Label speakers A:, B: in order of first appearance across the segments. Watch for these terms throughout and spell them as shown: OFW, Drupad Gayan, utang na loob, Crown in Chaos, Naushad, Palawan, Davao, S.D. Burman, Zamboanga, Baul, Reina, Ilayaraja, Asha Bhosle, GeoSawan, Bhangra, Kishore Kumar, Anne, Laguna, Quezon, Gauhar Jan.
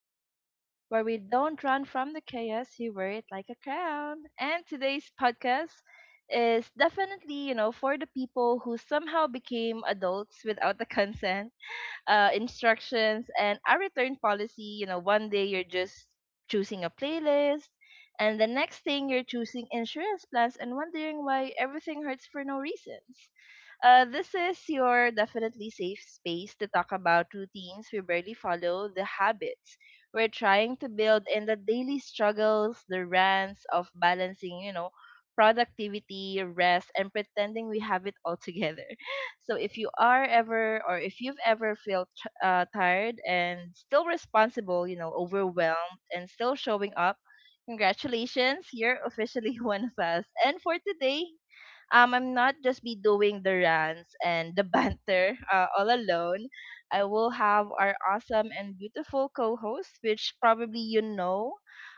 A: Chaos, where we don't run from the chaos, you wear it like a crown. And today's podcast is definitely, for the people who somehow became adults without the consent, instructions and a return policy. One day you're just choosing a playlist, and the next thing you're choosing insurance plans and wondering why everything hurts for no reasons. This is your definitely safe space to talk about routines we barely follow, the habits we're trying to build, and the daily struggles, the rants of balancing, productivity, rest, and pretending we have it all together. So if you are ever or if you've ever felt tired and still responsible, overwhelmed and still showing up, congratulations, you're officially one of us. And for today, I'm not just be doing the rants and the banter all alone. I will have our awesome and beautiful co-host, which probably you know,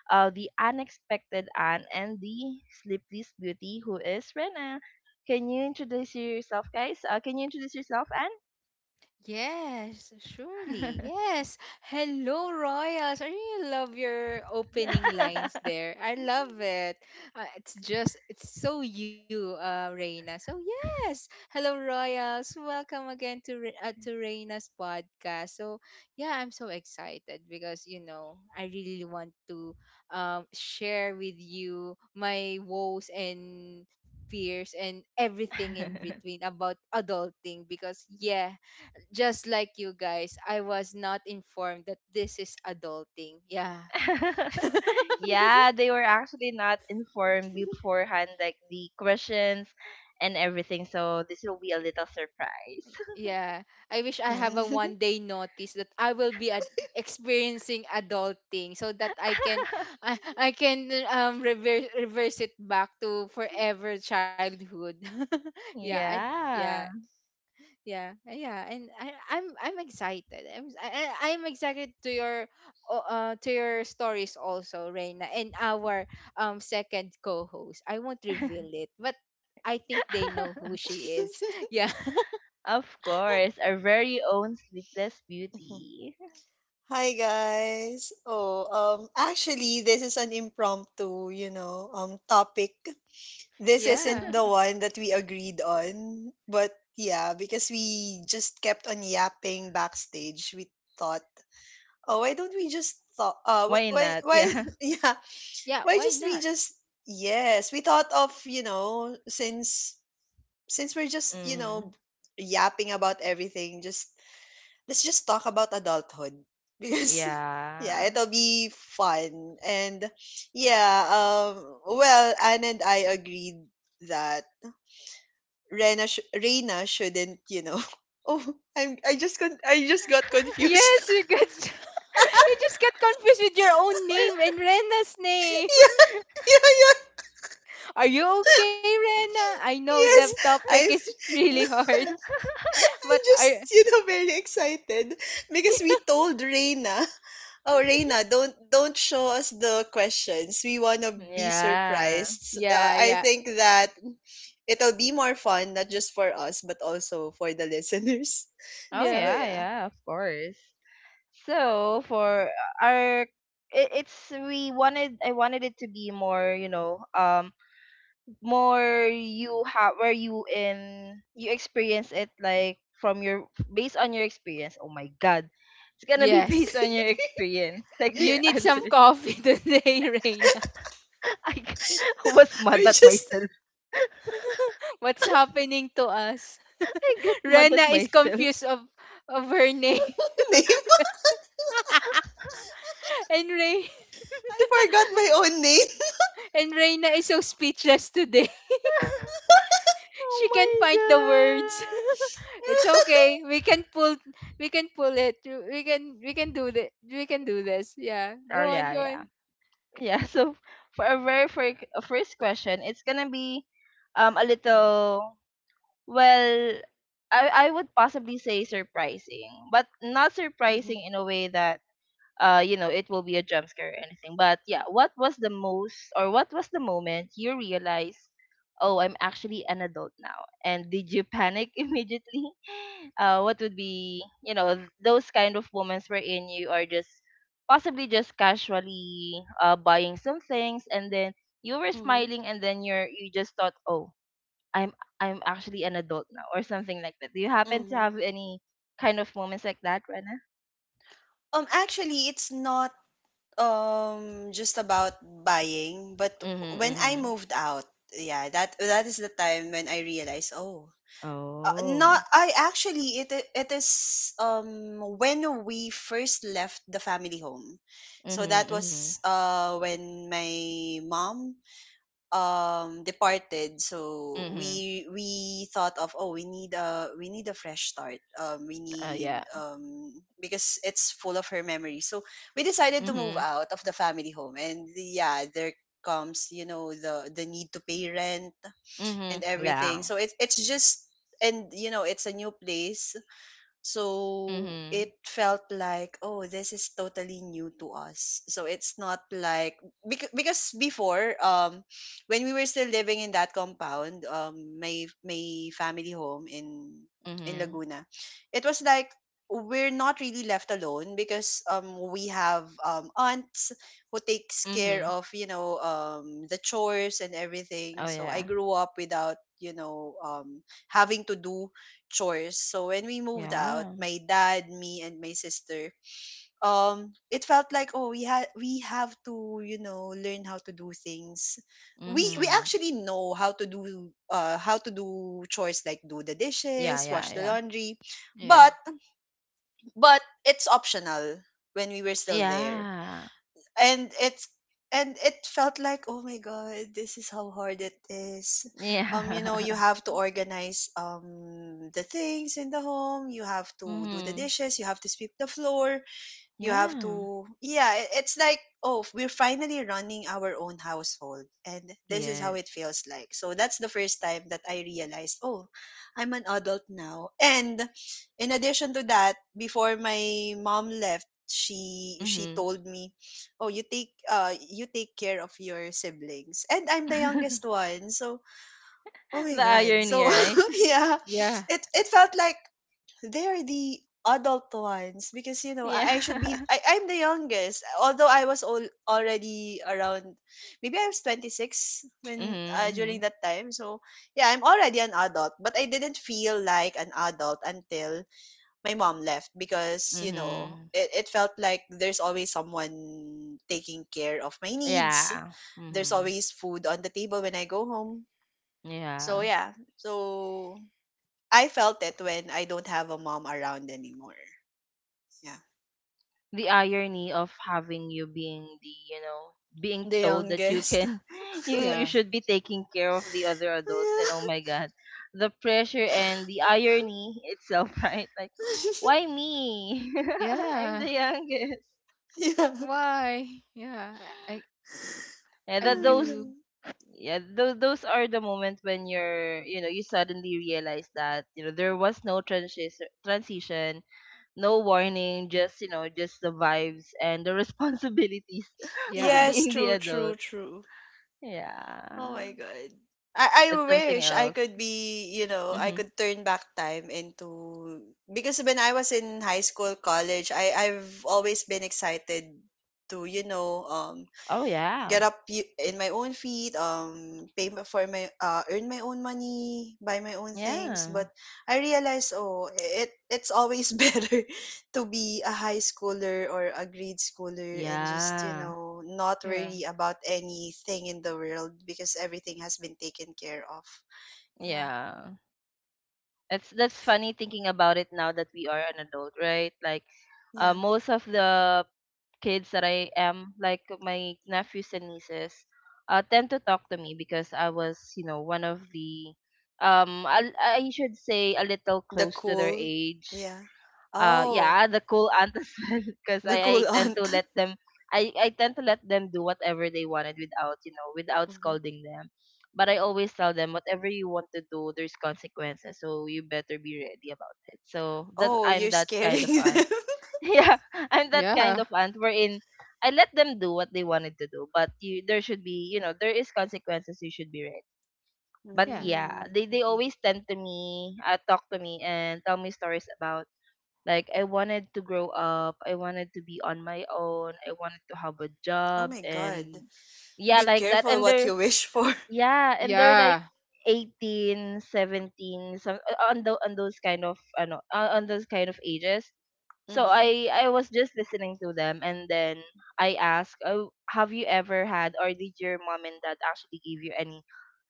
A: uh, the unexpected Anne and the sleepless beauty who is Rena. Can you introduce yourself, guys? Can you introduce yourself,
B: Yes, surely.
A: Anne?
B: Yes. Hello, Royals. I really love your opening lines there. I love it. It's so you, Reina. Hello, Royals. Welcome again to, to Reina's podcast. So, yeah, I'm so excited because I really want to share with you my woes and fears and everything in between about adulting because, yeah, just like you guys, I was not informed that this is adulting. Yeah.
A: Yeah, they were actually not informed beforehand, like the questions and everything. So this will be a little surprise.
B: Yeah. I wish I have a 1 day notice that I will be experiencing adulting so that I can I can reverse it back to forever childhood. Yeah, I yeah.
A: Yeah.
B: Yeah, yeah, and I'm excited. I'm s- I- I'm excited to your to your stories also, Reina, and our second co-host. I won't reveal it, but I think they know who she is. Yeah,
A: Of course, our very own sleepless beauty.
C: Hi guys. Oh, actually this is an impromptu, topic. This isn't
B: yeah,
C: the one that we agreed on, but yeah, because we just kept on yapping backstage, we thought, "Oh, why don't we just thought uh wh-
A: Why
C: why
A: not?
C: why
A: Yeah.
C: yeah,
B: yeah.
C: why
B: Why
C: just we
B: not?
C: just yes, we thought of, since we're just,
A: Mm,
C: yapping about everything, just let's just talk about adulthood." Because yeah,
A: yeah.
C: it'll be fun. And yeah, well, Anne and I agreed that Reina shouldn't, Oh, I just got
B: Yes,
C: confused.
B: you got you just got confused with your own name and Rena's name.
C: yeah, yeah.
B: Are you okay, Rena? I know the
C: Yes,
B: topic
C: I'm
B: is really
C: no.
B: hard, but
C: I'm
B: are
C: just, very excited because we told Reina, oh Reina, don't show us the questions. We wanna be
A: Yeah.
C: surprised.
B: yeah,
C: I
B: yeah,
C: think that it'll be more fun not just for us but also for the listeners.
A: Oh
C: So
B: yeah.
A: yeah,
C: yeah,
A: yeah, of course. So for our it, it's we wanted I wanted it to be more, more you have where you in you experience it like from your based on your experience. Oh my god. It's gonna be based
B: Yes.
A: on your experience. Like
B: You
A: their
B: need some
A: answers.
B: coffee today, Reina.
A: I g- was mad
C: we're
A: at myself.
C: just
B: What's happening to us?
A: I got mad
B: Rena
A: at
B: is
A: myself.
B: confused of her name.
C: name.
B: and Ray
C: I forgot my own name.
B: and Reina is so speechless today. She can't find the
A: Oh
B: words.
A: my god.
B: It's okay. We can pull it. We can do this. We can do this. Yeah.
A: Oh
B: Go on,
A: yeah,
B: go on.
A: yeah. Yeah, so for a very first question, it's gonna be a little, well, I would possibly say surprising, but not
C: Mhm.
A: surprising in a way that it will be a jump scare or anything. But yeah, what was the most or what was the moment you realized, oh, I'm actually an adult now, and did you panic immediately? What would be, those kind of moments wherein you are just possibly just casually buying some things, and then you were
C: Mhm.
A: smiling and then you just thought, oh, i'm I'm actually an adult now or something like that? Do you happen to
C: Mhm.
A: have any kind of moments like that, Rena?
C: Actually it's not just about buying, but when I
A: Mm-hmm.
C: moved out, yeah, that is the time when I realized, oh, not
A: Oh.
C: I actually it I- it is when we first left the family home. So
A: Mhm,
C: that
A: mhm,
C: was when my mom departed, so
A: mhm.
C: we thought of, oh, we need a fresh start. We
A: Oh,
C: need
A: yeah.
C: Because it's full of her memories, so we decided to move
A: Mhm,
C: out of the family home. And yeah, there comes, you know, the need to pay rent
A: mhm.
C: and everything.
A: Yeah.
C: So it's just, and you know, it's a new place, so it
A: Mhm,
C: felt like, oh, this is totally new to us. So it's not like because before, when we were still living in that compound, my family home in
A: mhm,
C: Laguna, it was like we're not really left alone because we have aunts who takes care
A: mhm.
C: of, you know, the chores and
A: Oh,
C: everything. So I
A: yeah.
C: grew up without, you know, having to do chores. So when we moved out,
A: Yeah.
C: my dad, me, and my sister, it felt like, oh, we have to, you know, learn how to do things. We
A: Mhm.
C: actually know how to do chores, like do the
A: Yeah,
C: dishes,
A: yeah,
C: wash the
A: yeah.
C: laundry,
B: Yeah.
C: but but it's optional when we were still there.
A: Yeah.
C: And it felt like, oh my god, this is how hard it is. You know, you
A: Yeah.
C: have to organize the things in the home, you have to do the
A: Mhm.
C: dishes, you have to sweep the floor, you have
A: Yeah.
C: to, yeah, it's like, oh, we're finally running our own household, and this is how
A: Yes.
C: it feels like. So that's the first time that I realized, oh, I'm an adult now. And in addition to that, before my mom left, she
A: Mhm.
C: told me, oh, you take care of your siblings. And I'm the youngest one, so oh my
A: The
C: god.
A: irony,
C: So
A: right?
C: yeah,
B: Yeah.
C: it felt like they're the adult ones because, you know,
A: Yeah.
C: I'm the youngest. Although I was already around, maybe I was 26 when during
A: Mhm,
C: that time. So yeah, I'm already an adult, but I didn't feel like an adult until my mom left, because
A: mhm,
C: you know,
A: mhm.
C: it felt like there's always someone taking care of my needs,
A: Yeah.
C: there's
A: Mhm.
C: always food on the table when I go home. So
A: Yeah.
C: yeah, so I felt it when I don't have a mom around anymore, yeah.
A: The irony of having you being the you know being
C: The
A: told that you
C: youngest.
A: can, you
B: Yeah.
A: should be taking care of the other adults, and oh
C: Yeah.
A: my god, the pressure and the irony itself, right? Like, why me? I'm
B: Yeah.
A: the youngest.
C: Yeah.
B: Why? Yeah. I
A: yeah
B: I
A: that
C: I
A: those
B: do.
C: know.
A: yeah, those are the moments when you're, you know, you suddenly realize that, you know, there was no transition, no warning, just, you know, just the vibes and the responsibilities of
B: Yeah.
C: Yes,
A: being the
C: true, true,
A: adult.
C: true. Oh
A: Yeah.
C: my god.
A: It's
C: I
A: something
C: wish I
A: else.
C: could be, you know, I
A: Hmm.
C: could turn back time into, because when I was in high school, college, I've always been excited to, you know,
A: Oh yeah.
C: get up in my own feet, for my, earn my own money, buy my own things.
A: Yeah.
C: But I realized, oh, it's always better to be a high schooler or a grade schooler and just, you
A: Yeah.
C: know, not
B: Yeah.
C: worry about anything in the world because everything has been taken care of. Yeah,
A: Yeah. It's that's funny thinking about it now that we are an adult, right? Like,
C: yeah.
A: most of the kids that I am, like my nephews and nieces, tend to talk to me because I was, you know, one of the I should say a little
C: The
A: close to their
C: cool,
A: age.
C: yeah. Oh,
A: Yeah, the cool aunt as well, because
C: the cool
A: I tend to
C: aunt.
A: let them, I tend to let them do whatever they wanted, without, you know, without
C: Mhm.
A: scolding them. But I always tell them, whatever you want to do, there's consequences, so you better be ready about it. So that,
C: Oh,
A: I'm
C: you're
A: that kind of
C: scaring
A: aunt.
C: them.
A: Yeah, I'm that
B: Yeah.
A: kind of aunt wherein I let them do what they wanted to do, but there is consequences. You should be ready. But
B: Yeah.
A: yeah,
C: Mm.
A: they
C: Mhm.
A: always tend to me, talk to me, and tell me stories about like I wanted to grow up, I wanted to be on my own, I wanted to have a
C: Oh
A: job
C: my god.
A: and yeah,
C: Be
A: like that.
C: careful
A: And
C: what
A: they're
C: you wish for.
A: yeah, and they're like
B: Yeah.
A: 18, 17, some on those kind of ages. So
C: Hmm.
A: I was just listening to them, and then I asked, "Oh, have you ever had or did your mom and dad actually give you any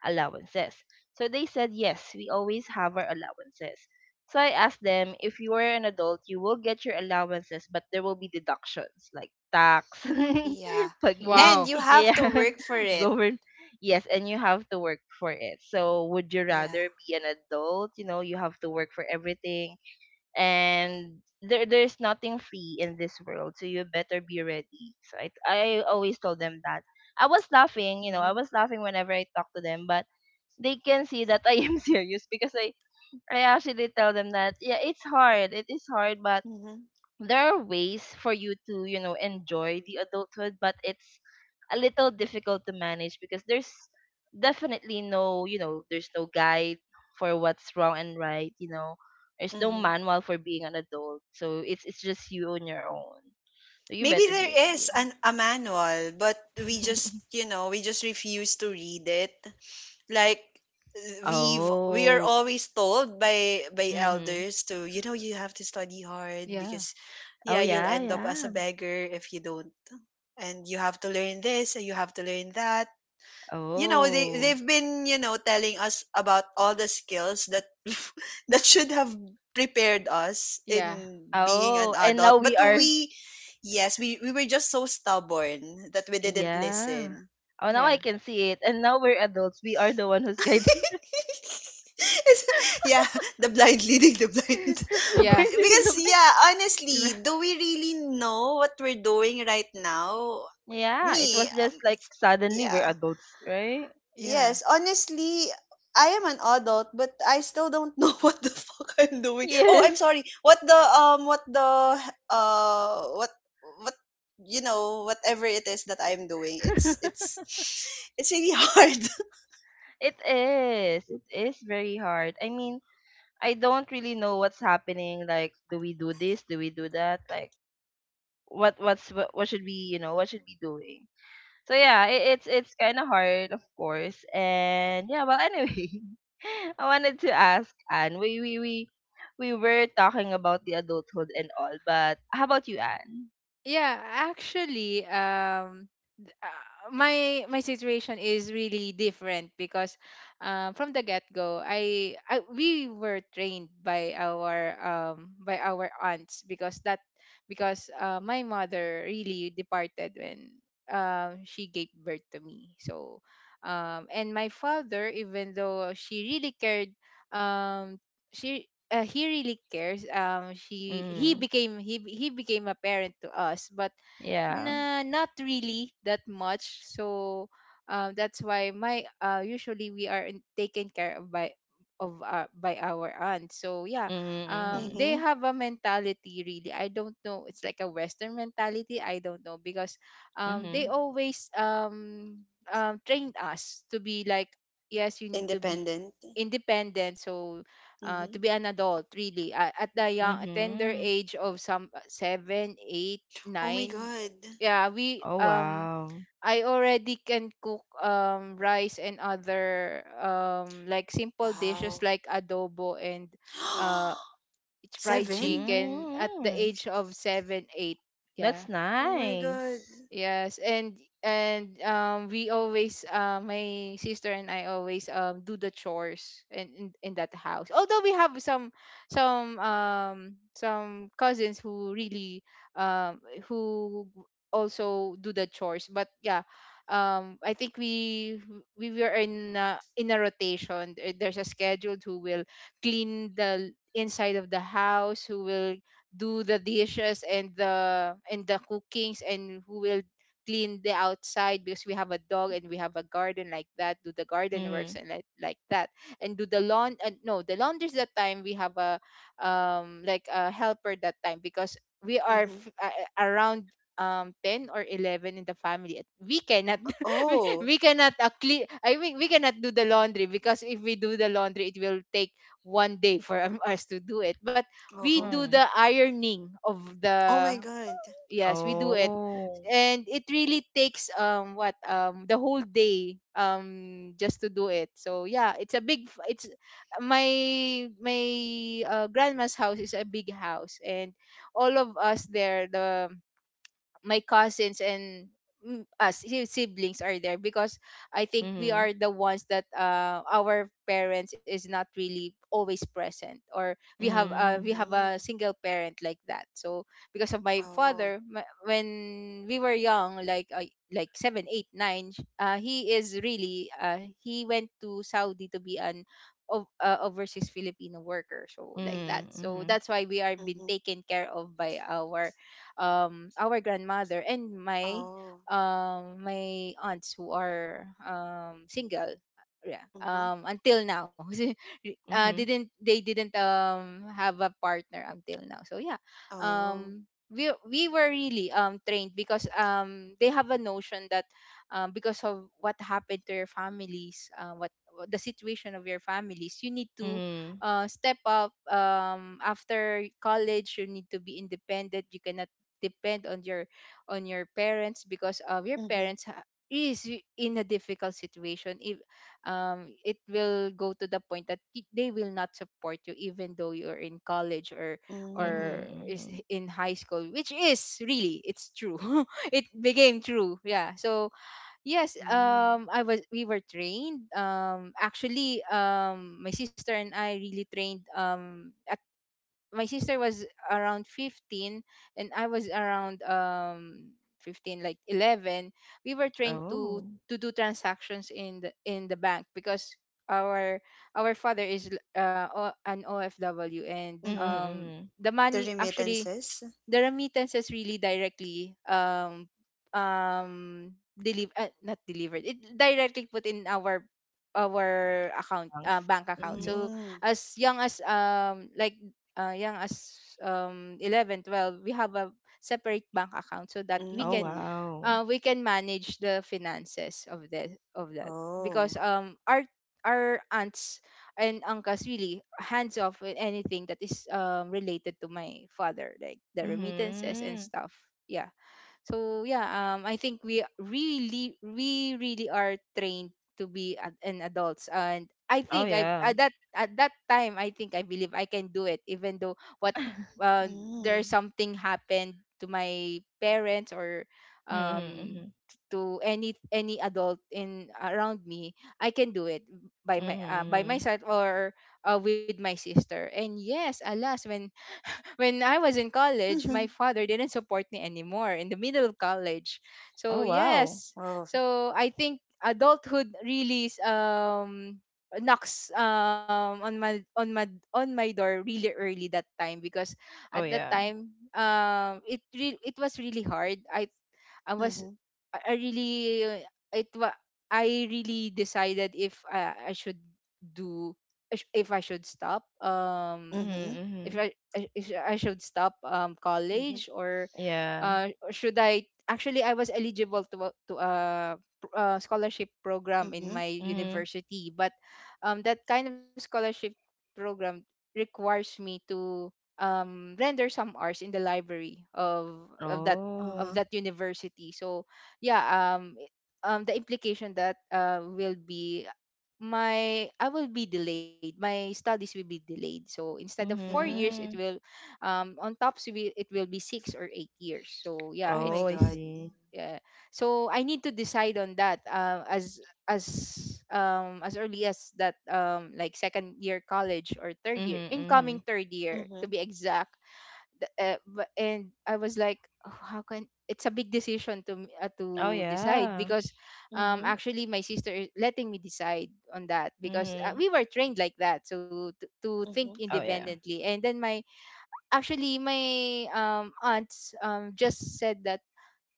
A: allowances?" So they said, "Yes, we always have our allowances." So I asked them, "If you are an adult, you will get your allowances, but there will be deductions like tax,
C: Yeah.
A: pag,
C: And
B: Wow.
C: you have
A: yeah,
C: to work for it.
A: govern, yes, and you have to work for it. So would you
C: Yeah.
A: rather be an adult, you know, you have to work for everything, and there, there's nothing free in this world, so you better be ready." So I always told them that.
C: Hmm.
A: I was laughing whenever I talk to them, but they can see that I am serious, because I actually tell them that yeah, it's hard, it is hard, but
C: Hmm.
A: there are ways for you to enjoy the adulthood, but it's a little difficult to manage, because there's definitely no you know there's no guide for what's wrong and right. There's no
C: Hmm.
A: manual for being an adult, so it's just you on your own, so you
C: Maybe
A: better be
C: there
A: ready.
C: is an a manual, but we just, you know, we just refuse to read it. Like we are
A: Oh.
C: always told by
A: Mhm.
C: elders to, you know, you have to study hard
B: Yeah.
C: because
A: Oh
C: yeah, you'll
A: yeah,
C: end up as a
A: yeah.
C: beggar if you don't. And you have to learn this, and you have to learn that. You know, they
A: Oh.
C: they've been, you know, telling us about all the skills that that should have prepared us
B: Yeah.
C: in being an
A: Oh, and
C: adult.
A: now we
C: But
A: are.
C: we, yes, we were just so stubborn that we didn't
A: Yeah.
C: listen.
A: Oh, now I
B: Yeah.
A: can see it, and now we're adults, we are the one who's guiding.
C: It's- yeah, the blind leading the blind.
A: Labay,
B: Yeah.
A: niling
C: Because
A: labay.
C: yeah, honestly, do we really know what we're doing right now?
A: Yeah, it
C: Me
A: was just like suddenly we're
C: Yeah.
A: adults, right?
B: Yeah.
C: Yes, honestly, I am an adult, but I still don't know what the fuck I'm doing. Oh, I'm
A: Yes.
C: sorry. What the what the uh what what you know, whatever it is that I'm doing. It's it's really hard.
A: It is. It is very hard. I mean, I don't really know what's happening. Like, do we do this? Do we do that? Like, what what's what should we you know what should we doing? So yeah, it's kind of hard, of course. And yeah, well, anyway, I wanted to ask Anne. We were talking about the adulthood and all, but how about you, Anne?
B: Yeah, actually, my situation is really different because, from the get go, I we were trained by our aunts because that because my mother really departed when she gave birth to me. So, and my father, even though she really cared, um, she he really cares. She he became he be- He became a parent to us, but
A: Yeah.
B: nah, not really that much. So that's why my usually we are taken care of by our aunt. So yeah,
A: Mhm, mhm.
B: they
C: Mhm.
B: have a mentality really. I don't know. It's like a Western mentality. I don't know because they
A: Mhm.
B: always trained us to be like yes, you need to be
C: Independent.
B: independent. So
C: Mhm.
B: to be an adult really at the young tender
A: Mhm.
B: age of some seven eight
C: Oh my
B: nine
C: god.
B: Yeah, we
A: Oh, wow.
B: I already can cook rice and other like simple
C: Wow.
B: dishes like adobo and uh fried
C: Seven?
B: chicken at the
A: Mm.
B: age of 7, 8. Yeah.
A: That's
C: Oh my god.
A: nice.
B: Yes, and we always my sister and I always do the chores in in that house. Although we have some some cousins who really um who also do the chores, but yeah, I think we were in a rotation. There's a schedule who will clean the inside of the house, who will do the dishes and the cookings and who will clean the outside because we have a dog and we have a garden, like that, do the garden works
A: Mhm.
B: and like that, and do the lawn no the laundries. That time we have a like a helper that time because we are
C: Mhm.
B: around 10 or 11 in the family. We cannot
C: Oh.
B: we cannot clean I mean we cannot do the laundry because if we do the laundry it will take 1 day for us to do it, but we
C: Uh-huh.
B: do
A: Mm.
B: the ironing of
C: Oh
B: the
C: my god.
B: yes we do it,
A: Oh.
B: and it really takes what the whole day just to do it. So yeah, it's a big f- it's my my grandma's house is a big house, and all of us there, the my cousins and siblings are there because I think we
A: Mhm.
B: are the ones that our parents is not really always present, or we
A: Mhm.
B: have a
C: Mm.
B: single parent like that. So because of my
C: Oh.
B: father, my, when we were young like 7, 8, 9 he is really he went to Saudi to be an overseas Filipino worker, so like that.
C: Mhm.
B: So
A: Mhm.
B: that's why we are being
C: Mhm.
B: taken care of by our grandmother and my
C: Oh,
B: my aunts who are single. Yeah,
C: mhm.
B: until now
A: Mhm.
B: didn't they didn't have a partner until now. So yeah,
C: Oh,
B: we were really trained because they have a notion that because of what happened to your families, what the situation of your families, you need
A: Mhm.
B: to
A: Mhm.
B: step up. After college you need to be independent. You cannot depend on your parents because of your
C: mhm.
B: parents in a difficult situation. If it will go to the point that they will not support you even though you're in college or
C: Mm,
A: Mhm. Mhm.
B: in high school, which is really it's true it became true. Yeah, so yes,
C: mm.
B: I was we were trained, actually my sister and I really trained. My sister was around 15, and I was around um 15 like 11. We were trained to
A: Oh.
B: do transactions in the bank because our father is an OFW, and
A: Mhm.
C: Mhm.
A: Mhm.
B: the
C: The
B: money, actually
C: remittances?
B: the remittances, really directly um deliver not delivered it directly put in our account
A: Thanks.
B: bank account.
A: Mhm.
B: So
C: Mm,
B: as young as uh, young as 11, 12, we have a separate bank account so that
A: Oh,
C: mm.
A: wow.
B: we can manage the finances of that, of that, because
C: Oh.
B: our aunts and uncles really hands off with anything that is related to my father like the remittances and
A: Mhm.
B: stuff. Yeah. So yeah, I think we really are trained to be an adults, and I
A: Oh,
B: think I
A: yeah.
B: at that time, I believe I can do it even though what uh, there's
C: Mm.
B: something happened to my parents or
A: Mhm.
B: um
A: Mhm.
B: to any adult in around me, I can do it by my by
A: Mhm.
B: myself or with my sister. And yes, alas, when I was in college, my
C: Mhm.
B: father didn't support me anymore in the middle of college. So
A: Oh, wow.
B: yes,
C: Oh.
B: so I think adulthood really knocks on my on my on my door really early that time because at
A: Oh,
B: that
A: yeah.
B: time it was really hard. I was
C: Mhm.
B: I really uh, it wa- I really decided if I should do, if I should stop.
A: Mhm.
C: Mhm.
B: If
A: Mhm.
B: if I should stop
C: Mhm.
B: college or
A: Yeah.
B: uh should I actually I was eligible to to a, scholarship program in
C: Mhm.
B: my
A: Mhm.
B: university, but that kind of scholarship program requires me to render some hours in the library of of
C: Uh-huh.
A: Oh.
B: that university. So yeah, the implication that will be my I will be delayed. My studies will be delayed. So instead of 4 years, it
C: Mhm.
A: Mhm.
B: will, on tops will it will be 6 or 8 years. So yeah,
C: Oh
B: it.
C: my
A: Oh, I
C: God.
A: see.
B: Uh, so I need to decide on that as early as that, like second year college or third year,
A: Mhm.
B: incoming
A: Mhm.
B: third year to
C: Mhm.
B: be exact. And I was like, "Oh, how can it's a big decision to
A: Oh
B: to decide
A: yeah.
B: because
C: Mhm.
B: actually my sister is letting me decide on that because
A: Mhm.
B: we were trained like that so to think
C: Mhm.
A: Oh yeah.
B: independently." And then my, actually my aunts just said that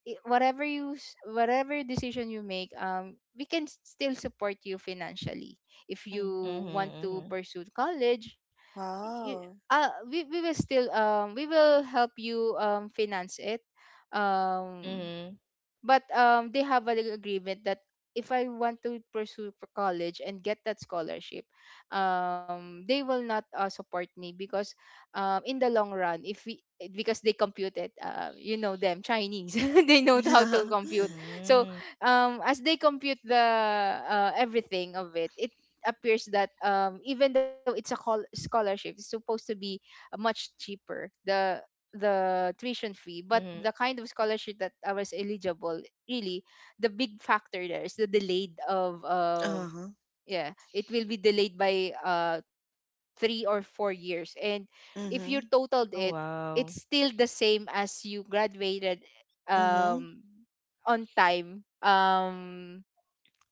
B: whatever whatever decision you make, we can still support you financially if you
C: Mhm.
B: want to
A: Mhm.
B: pursue college. You,
C: Wow.
B: we will still we will help you finance it um
A: Mhm.
B: but they have an agreement that if I want to pursue for college and get that scholarship, they will not support me because in the long run, if we, because they compute it,
A: Mhm.
B: you know them
A: Mhm.
B: Chinese, they know how to compute. So as they compute the everything of it, it appears that even though it's a scholarship, it's supposed to be much cheaper. The
A: Mhm.
B: tuition fee, but the kind of scholarship that I was eligible, really the big factor there is the delayed of
C: Uh-huh.
B: yeah, it will be delayed by 3 or 4 years, and if you
C: Mhm.
A: Oh
B: totaled it,
A: wow.
B: it's still the same as you graduated
C: Mhm.
B: um on time, um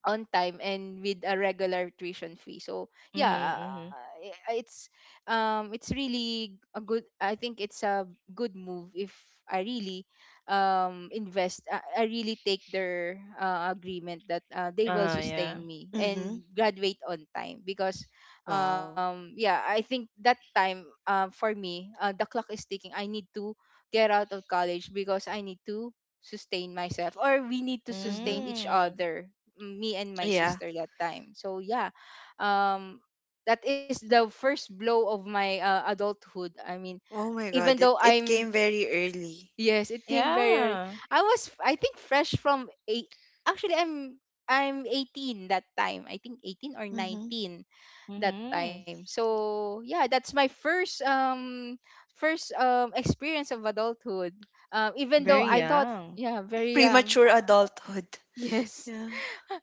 B: on time and with a regular tuition fee. So
A: Mhm.
B: yeah,
A: Mhm.
B: it's it's really a good. I think it's a good move if I really invest. I really take their agreement that they will
A: Yeah.
B: sustain me
C: Mhm.
B: and graduate on time. Because
C: Wow.
B: yeah, I think that time, for me, the clock is ticking. I need to get out of college because I need to sustain myself, or we need to sustain
C: Mhm.
B: each
A: Mm.
B: other, me and my
C: Yeah.
B: sister that time. So yeah, um, that is the first blow of my adulthood. I mean,
C: Oh my
B: even
C: God. It
B: though
C: it came
B: I'm
C: very early.
B: yes, it came very. Early.
A: Yeah.
B: I was, I think, fresh from eight. Actually, I'm 18 that time. I think 18 or
C: Mhm.
B: 19 that time.
A: Mhm.
B: So yeah, that's my first first experience of adulthood. Even though
A: Very
B: I
C: Mhm.
B: thought,
A: young.
B: yeah, very young.
C: Premature adulthood.
B: Yes.
C: Yeah.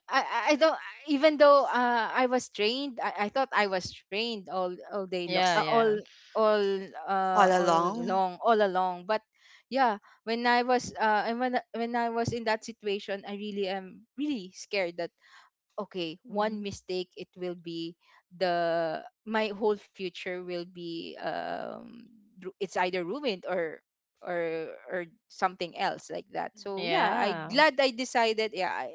B: I, I I don't. Even though, I was trained, I thought I was trained all day long
A: Yeah. Yeah.
B: all
C: All
B: all
C: along.
B: long all along. But yeah, when I was when I was in that situation, I really am really scared that, okay, one
C: Mhm.
B: mistake, it will be the my whole future will be it's either ruined or or something else like that. So yeah, I
A: Yeah.
B: glad I decided. Yeah,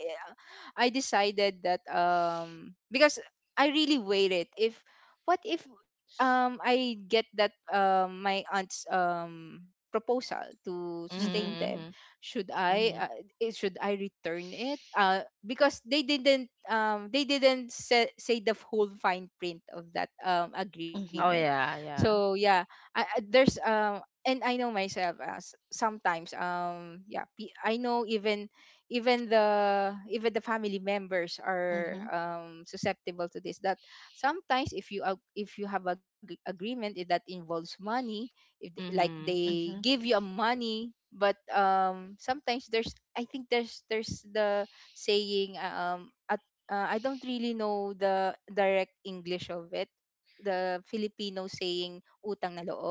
B: I decided that because I really weighed it. If, what if I get that my aunt's proposal to
C: Mhm.
B: sustain them,
A: Mhm. Mhm.
B: should
A: Mhm.
B: should I return it? Because they didn't they didn't say, say the whole fine print of that agreement.
C: Mhm.
A: Oh yeah.
B: So
A: Yeah.
B: yeah, there's and I know myself as sometimes I know even the family members are
C: Mhm.
B: susceptible to this, that sometimes if you if you have a agreement, eh, that involves money. If they, like,
A: Mhm.
B: they
C: Mhm.
B: give you a money, but sometimes there's, I think there's the saying, at I don't really know the direct English of it. The Filipino saying, utang na loob.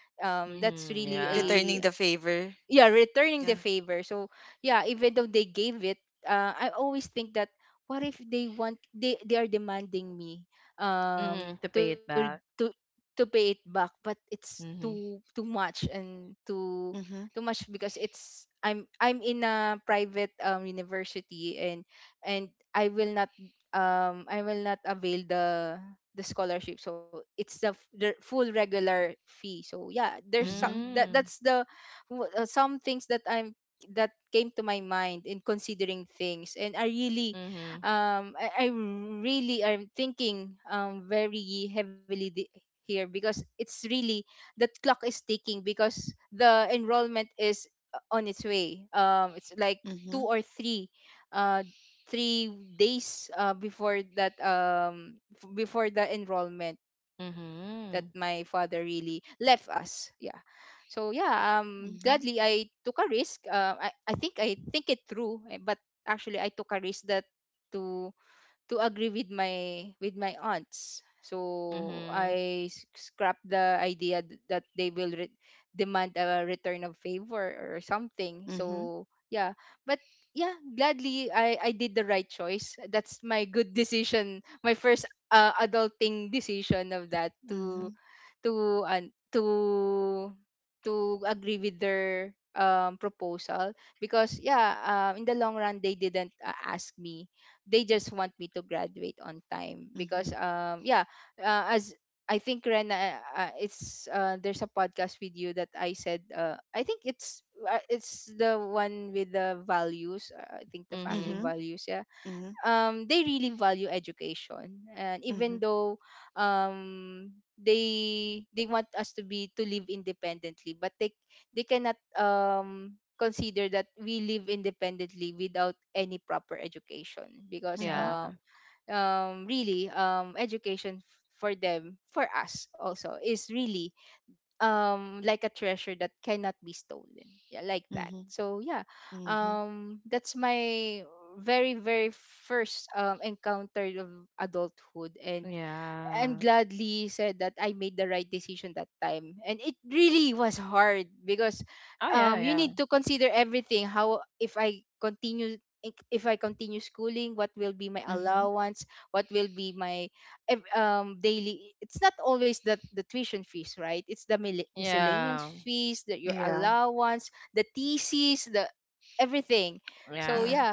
B: That's
A: Mhm.
B: really a
A: Yeah.
C: Returning the favor.
B: yeah, returning the
C: Yeah.
B: favor. So yeah, even though they gave it, I always think that, what if they want, they are demanding me
A: Mhm. To
B: to
A: pay it
B: to
A: back.
B: to pay it back, but it's
A: Mhm.
B: too much and
C: Mhm.
B: too much, because it's, I'm in a private university, and I will not I will not avail the scholarship, so it's the, f- the full regular fee. So yeah, there's so-
C: Mhm.
B: that that's
A: Mm.
B: the some things that I'm that came to my mind in considering things. And I really
A: Mhm.
B: I really am thinking very heavily the, here, because it's really the clock is ticking, because the enrollment is, on its way. Um, it's like two
C: Mhm.
B: or three uh 3 days, before that before the enrollment that my father
A: Mhm.
B: really left us, yeah. So yeah, gladly
C: Mhm.
B: I took a risk. I think it through, eh, but actually I took a risk that to agree with my aunts. So
A: Mhm.
B: scrapped the idea that they will demand a return of favor or something.
C: Mhm.
B: So yeah, but yeah, gladly i did the right choice. That's my good decision, my first, adulting decision of that
C: Mhm.
B: to and to to agree with their proposal. Because yeah, in the long run, they didn't, ask me. They just want me to graduate on time,
C: Mhm.
B: because, as I think, Ren, it's there's a podcast with you that I said, I think it's, it's the one with the values, I think the family
A: Mhm.
C: Mhm.
B: values, yeah.
C: Mhm.
B: Um, they really value education. And
C: Mhm.
B: even though um, they want us to be to live independently, but they cannot, consider that we live independently without any proper education. Because
C: Mhm.
A: Yeah.
B: really education for them, for us also, is really like a treasure that cannot be stolen. Yeah, like that.
C: Mhm.
B: So yeah,
C: Mhm.
B: that's my very first encounter of adulthood. And I'm
A: Yeah.
B: gladly said that I made the right decision that time. And it really was hard, because
A: Oh yeah,
B: you need
A: yeah.
B: to consider everything. How, if I continue if I continue schooling, what will be my
C: Mhm.
B: allowance? What will be my daily? It's not always the tuition fees, right? It's the miscellaneous
A: Yeah.
B: fees, that your
C: Yeah.
B: allowance, the thesis, the everything. So
C: Yeah.
A: Yeah.
B: yeah,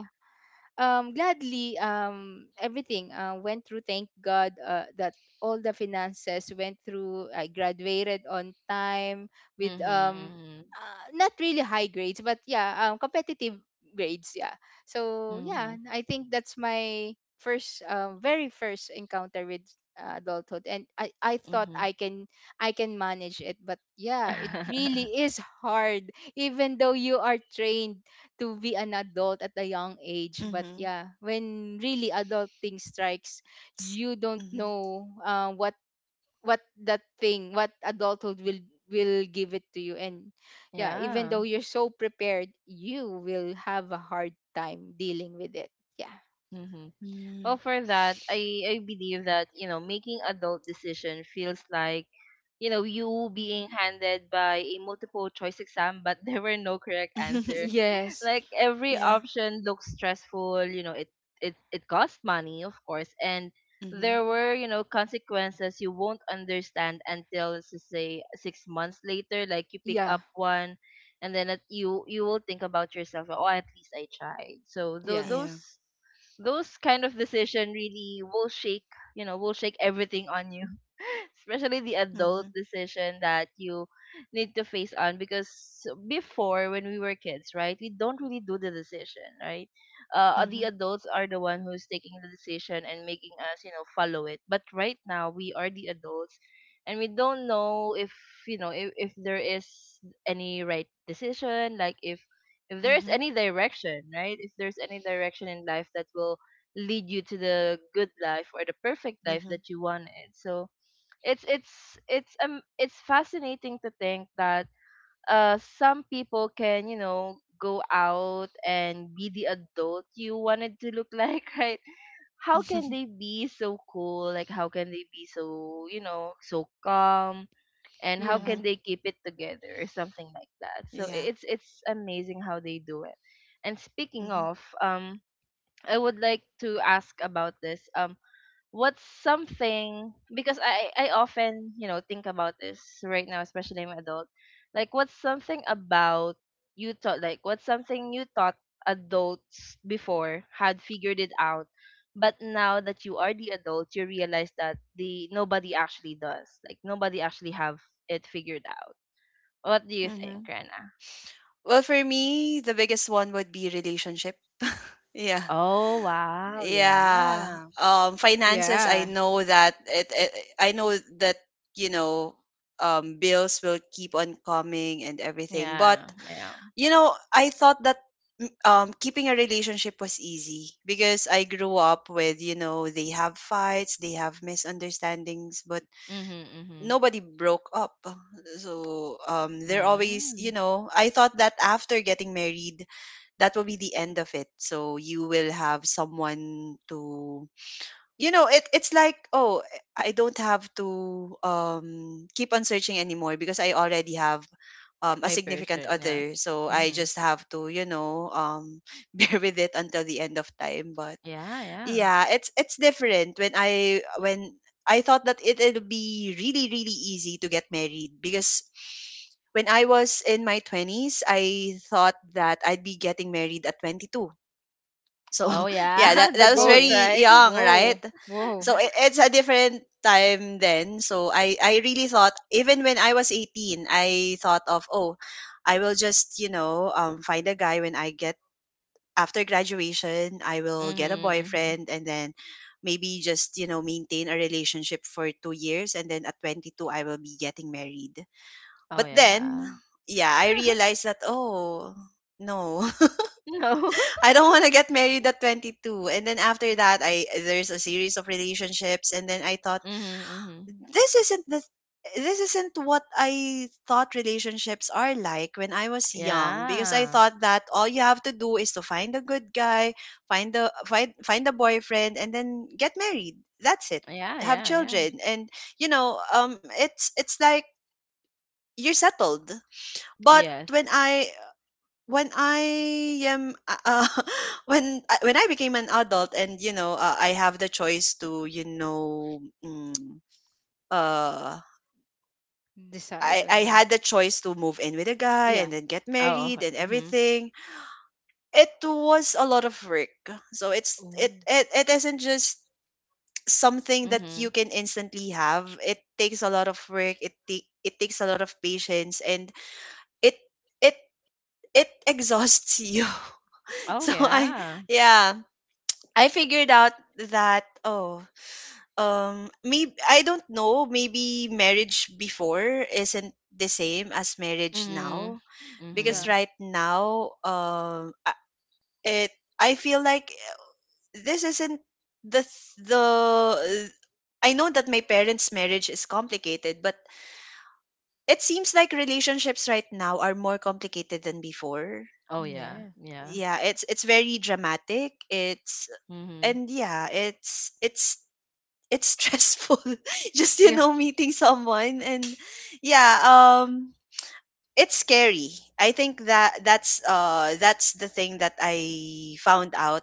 B: gladly everything, went through. Thank God, that all the finances went through. I graduated on time with,
A: Mhm. Mhm.
B: not really high grades, but yeah, competitive grades. Yeah. So yeah,
A: Mhm.
B: I think that's my first, very first encounter with, adulthood. And I thought
A: Mhm.
B: I can manage it, but yeah, it really is hard. Even though you are trained to be an adult at a young age, but
C: Mhm.
B: yeah, when really adult thing strikes,
C: S-
B: you don't
C: Mhm.
B: know, what that thing, what adulthood will give it to you. And yeah, even though
A: Yeah.
B: you're so prepared, you will have a hard time dealing with it. Yeah.
A: Mhm.
C: Mhm.
A: Well, for that, I believe that, making adult decision feels like, you being handed by a multiple choice exam, but there were no correct answer.
B: Yes.
A: Like every
C: Yeah.
A: option looks stressful. It it costs money, of course, and
C: Mhm.
A: there were, consequences you won't understand until let's just say 6 months later. Like, you pick
B: Yeah.
A: up one, and then it, you will think about yourself. Oh, at least I tried. So tho-
B: Yeah.
C: Yeah.
A: those those kind of decision really will shake, will shake everything on you, especially the adult
C: Mhm.
A: decision that you need to face on. Because before, when we were kids, right, we don't really do the decision, right? The
C: Mhm.
A: adults are the one who's taking the decision and making us, follow it. But right now we are the adults, and we don't know if, if there is any right decision. Like, if there's
C: Mhm.
A: any direction, right? If there's any direction in life that will lead you to the good life or the perfect life
C: Mhm.
A: that you wanted. So it's it's it's fascinating to think that, some people can, you know, go out and be the adult you wanted to look like, right? How can they be so cool? Like, how can they be so calm? And how
B: Yeah.
A: can
C: Mhm.
A: they keep it together or something like that, so
C: Yeah.
A: it's amazing how they do it. And speaking
C: Mhm.
A: of, I would like to ask about this, what's something, because I often, think about this right now, especially I'm an adult. Like, what's something about you thought, like, what's something you thought adults before had figured it out, but now that you are the adult, you realize that the nobody actually does. Like nobody actually have it figured out. What do you think,
C: Mhm.
A: Rena?
C: Well, for me, the biggest one would be relationship. Yeah.
A: Oh wow,
C: Yeah.
A: yeah.
C: Finances,
B: Yeah.
C: I know that it I know that, you know, bills will keep on coming and everything. But
A: Yeah, yeah.
C: you know, I thought that keeping a relationship was easy because I grew up with, you know, they have fights, they have misunderstandings, but
A: Mhm, mhm.
C: nobody broke up. So they're always, you
A: Mm.
C: know, I thought that after getting married, that will be the end of it. So you will have someone to, you know, it's like, oh, I don't have to keep on searching anymore because I already have a
A: My
C: significant
A: person, yeah.
C: other, so I just have to, you know, bear with it until the end of time. But
A: Yeah, yeah.
C: yeah, it's different when I thought that it'll be really really easy to get married because when I was in my 20s, I thought that I'd be getting married at 22. So
A: Oh
C: yeah,
A: yeah,
C: that
A: the
C: that was
A: goals,
B: Oh.
C: very
A: right?
C: young,
B: Whoa.
C: right?
B: Whoa.
C: So it's a different time then. So I really thought, even when I was 18, I thought of, oh, I will just, you know, find a guy when I get, after graduation. I will get a
A: Mhm, mhm.
C: boyfriend and then maybe just, you know, maintain a relationship for 2 years, and then at 22 I will be getting married.
A: Oh
C: But then
A: yeah.
C: yeah, I realized that, oh, no.
A: No.
C: I don't want to get married at 22. And then after that, I there's a series of relationships, and then I thought,
A: Mhm, mhm.
C: this isn't the this isn't what I thought relationships are like when I was young. Because I
A: Yeah.
C: thought that all you have to do is to find a good guy, find a boyfriend, and then get married. That's it.
A: Yeah,
C: Have
A: yeah, yeah.
C: children, and you know, it's like you're settled. But
A: Yes.
C: when I am when I became an adult and you know, I have the choice to, you know, uh
B: Decide on
C: I
B: your.
C: had the choice to move in with a guy
B: Yeah.
C: and then get
A: Oh.
C: married
A: Okay.
C: and
A: Mhm.
C: everything. It was a lot of work. So
B: Oh
C: it isn't just something that you
A: Mhm.
C: can instantly have. It takes a lot of work. It takes a lot of patience, and it it it exhausts you.
A: Oh
C: So I
A: yeah.
C: yeah, I figured out that, maybe, I don't know, maybe marriage before isn't the same as marriage
A: Mhm.
C: now,
B: yeah.
C: because
A: Mhm.
C: right now, I- it I feel like, this isn't the the I know that my parents' marriage is complicated, but it seems like relationships right now are more complicated than before.
A: Oh yeah.
B: Yeah.
A: Yeah.
C: Yeah, it's very dramatic. It's
A: Mhm.
C: And, yeah, it's stressful. Just,
B: Yeah.
C: meeting someone, and, yeah, it's scary. I think that that's the thing that I found out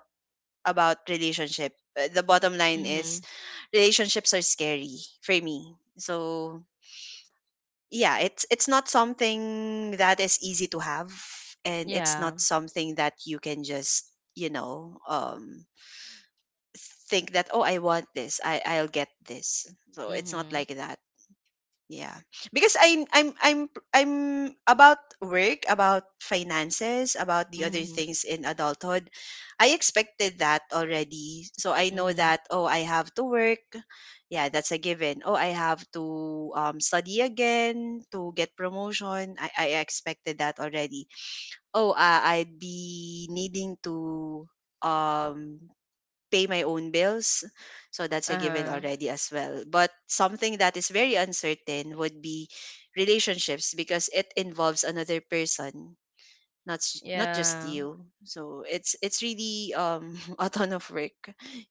C: about relationship. The bottom line
A: Mhm.
C: is, relationships are scary for me, so, yeah, it's not something that is easy to have, and it's
A: Yeah.
C: not something that you can just, think that, oh, I want this, I'll get this. So it's not
A: Mhm.
C: like that. Yeah. Because I'm about work, about finances, about the other
A: Mhm.
C: things in adulthood. I expected that already. So I know
A: Mhm.
C: that, oh, I have to work. Yeah, that's a given. Oh, I have to study again to get promotion. I expected that already. Oh, I'd be needing to um pay my own bills. So that's a given
A: Uh-huh.
C: already as well. But something that is very uncertain would be relationships, because it involves another person, not just
A: Yeah.
C: you. So it's really a ton of work.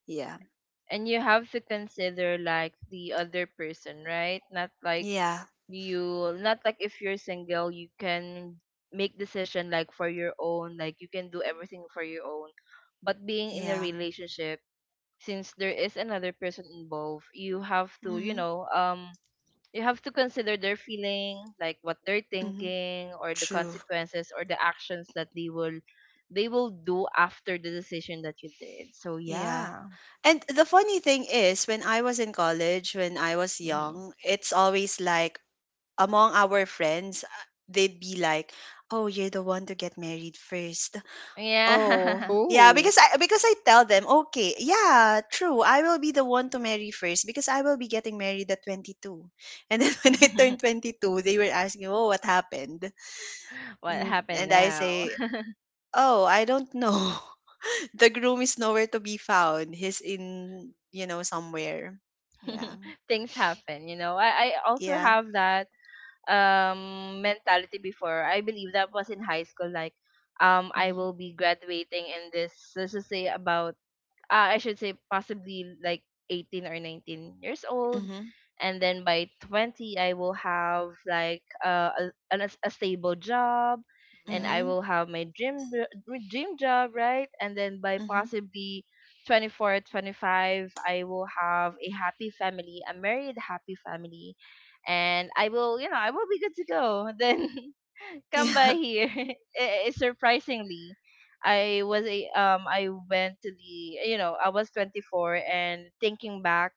C: Yeah.
A: And you have to consider, like, the other person, right? Not like
C: Yeah.
A: you not like if you're single, you can make decision like for your own, like you can do everything for your own. But being in a
C: Yeah.
A: relationship, since there is another person involved, you have to you
C: Mhm.
A: know you have to consider their feeling, like what they're
C: Mhm.
A: thinking, or the
C: True.
A: consequences, or the actions that they will do after the decision that you did, so
C: Yeah.
A: yeah.
C: And the funny thing is, when I was in college, when I was
A: Hmm.
C: young, it's always like among our friends, they'd be like, "Oh, you're the one to get married first." Oh,
A: Yeah.
C: yeah,
B: Oh
C: because I tell them, "Okay, yeah, true. I will be the one to marry first because I will be getting married at 22." And then when I turned 22, they were asking, "Oh, what happened?"
A: What
C: And
A: happened
C: and I
A: now?
C: say, "Oh, I don't know." The groom is nowhere to be found. He's in, somewhere. Yeah.
A: Things happen, you know. I also
C: Yeah.
A: have that mentality before. I believe that was in high school, like, I
C: Mhm.
A: will be graduating in this, let's just say about, I should say possibly like 18 or 19 years old.
C: Mhm.
A: And then by 20, I will have like a stable job, and
B: yeah.
A: I
C: Mhm.
A: will have my dream job, right? And then by
C: Mhm.
A: possibly 24, 25, I will have a happy family, a married happy family. And I will be good to go. Then come by
C: Yeah.
A: here. Surprisingly, I was a I went to the you know I was 24, and thinking back,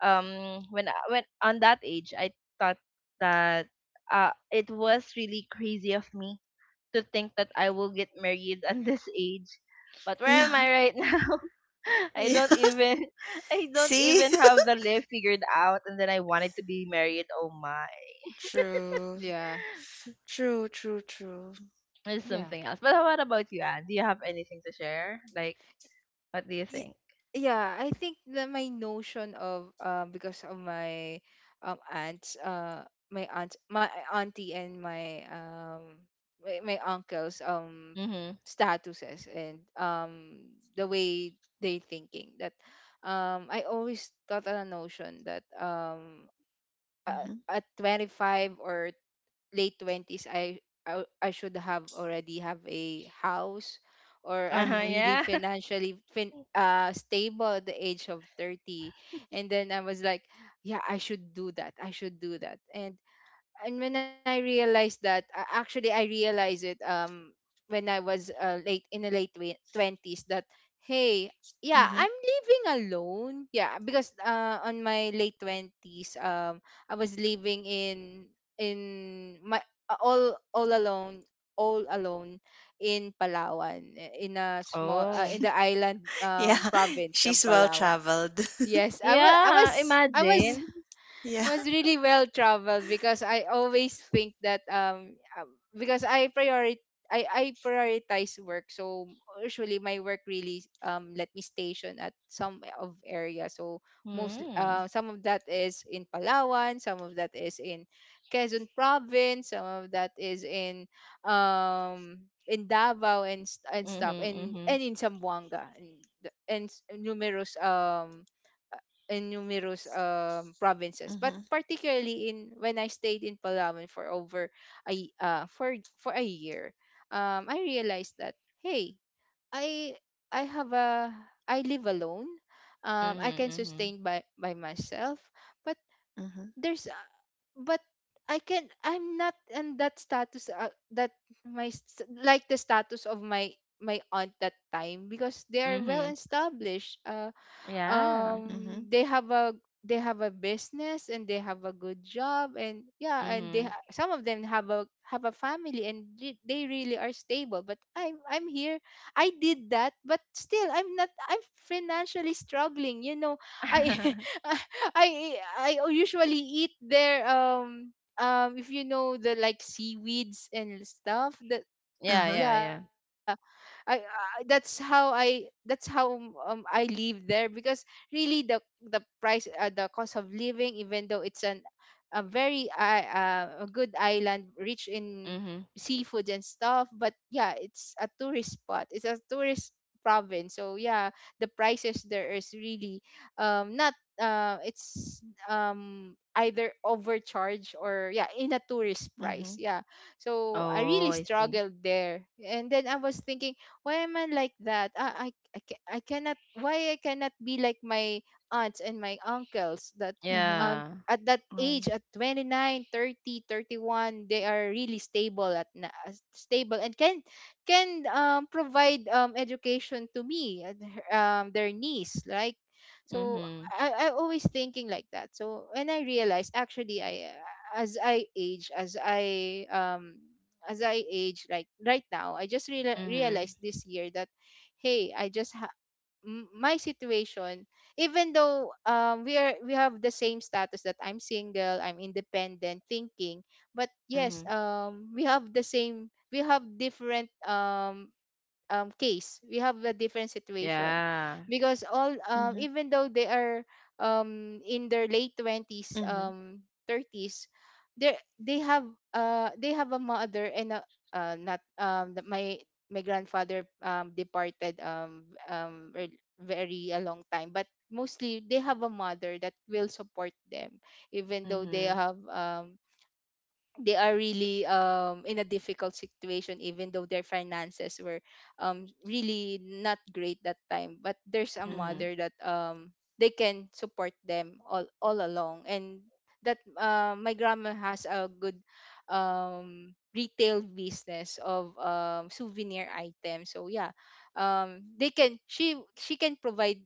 A: when when on that age, I thought that it was really crazy of me to think that I will get married at this age. But where am
C: Yeah.
A: I right now? I
C: Yeah.
A: don't even I don't
C: See?
A: even have the life figured out, and then I wanted to be married, oh my.
C: True.
B: Yeah.
C: True, true, true.
A: It's
B: Yeah.
A: something else. But what about you, Anne? Do you have anything to share, like what do you
B: Y-
A: think?
B: Yeah, I think that my notion of, because of my aunts my aunt my auntie and my my uncle's
A: Mhm.
B: statuses and, the way they thinking that, I always thought on a notion that,
C: Mhm.
B: at 25 or late 20s, I should have already have a house, or I'm
A: Uh-huh.
C: Mhm.
B: really
A: Yeah.
B: financially stable at the age of 30. And then I was like, yeah, I should do that, and when I realized that, actually, I realized it when I was late in the late twenties that, hey, yeah,
C: Mhm.
B: I'm living alone. Yeah, because, on my late 20s, I was living in my all alone, all alone, in Palawan, in a small, in
A: Oh.
B: the island
C: Yeah.
B: province of
C: She's well
B: Palawan.
C: traveled.
B: Yes, I was I was
A: Yeah,
B: I was
A: imagine.
B: it
C: Yeah.
B: was really well traveled, because I always think that, because I prioritize, I prioritize work. So usually my work really, let me station at some of area. So most,
A: Mm.
B: some of that is in Palawan, some of that is in Quezon province, some of that is in, um Davao, and stuff,
A: Mhm, mhm.
B: and in Zamboanga, and the- numerous in numerous, provinces. But
C: Mhm.
B: particularly in when I stayed in Palawan for over a y- for a year, I realized that, hey, i i have a I live alone, I
A: Mhm,
B: can
A: mhm.
B: sustain by myself. But
C: Mhm.
B: there's a, but I can, I'm not in that status, that my like the status of my my aunt that time, because they are well
A: Mhm.
B: established,
A: Yeah.
B: um
C: Mhm.
B: they have a they have a business, and they have a good job, and yeah, and they
A: Mhm.
B: some of them have a family, and they really are stable. But I'm here. I did that, but still, I'm not, I'm financially struggling, you know. I I usually eat their if you know, the like seaweeds and stuff that,
A: Yeah,
C: Uh-huh.
A: yeah,
B: yeah,
A: yeah.
B: I that's how I that's how, I live there, because really the price, the cost of living, even though it's an a very, a good island, rich in
A: Mhm.
B: seafood and stuff, but yeah, it's a tourist spot, it's a tourist province. So yeah, the prices there is really, not it's, either overcharged, or yeah, in a tourist price,
C: Mhm.
B: yeah. So I
A: Oh,
B: really
A: I see.
B: struggled there. And then I was thinking, why am I like that? I cannot, why I cannot be like my aunts and my uncles, that,
C: Mhm.
A: Yeah.
B: at that age,
C: Oh.
B: at 29, 30, 31, they are really stable at stable, and can, provide, education to me, and their niece, like. So
A: Mhm.
B: I always thinking like that. So when I realized, actually I as I age, as I um as I age, like right now, I just
A: Mhm.
B: realized this year that, hey, I just ha- m- my situation, even though, we are we have the same status, that I'm single, I'm independent, thinking, but yes,
A: Mhm.
B: we have the same, we have different, case. We have a different situation
A: Yeah.
B: because all
C: Mhm.
B: even though they are in their late twenties,
C: Mhm.
B: thirties, they have a mother and a, not the- my grandfather departed very a long time, but mostly they have a mother that will support them even though
A: Mhm.
B: they are really in a difficult situation even though their finances were really not great that time, but there's a
A: Mhm.
C: Mhm.
B: mother that they can support them all along. And that my grandma has a good retail business of souvenir items, so yeah, they can she can provide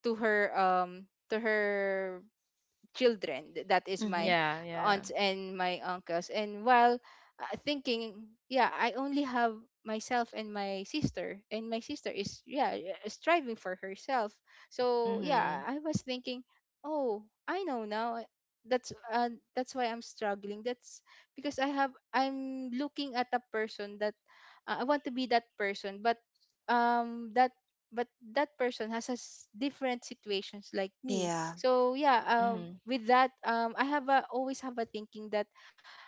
B: to her children. That is my
C: Mhm.
A: Yeah, yeah.
B: aunts and my uncles. And while thinking, yeah, I only have myself and my sister is yeah, striving for herself. So yeah,
A: Mhm.
B: I was thinking, oh, I know now. That's why I'm struggling. That's because I'm looking at a person that I want to be that person, but um that that person has different situations like me.
C: Yeah.
B: So yeah,
A: Mhm.
B: with that always have a thinking that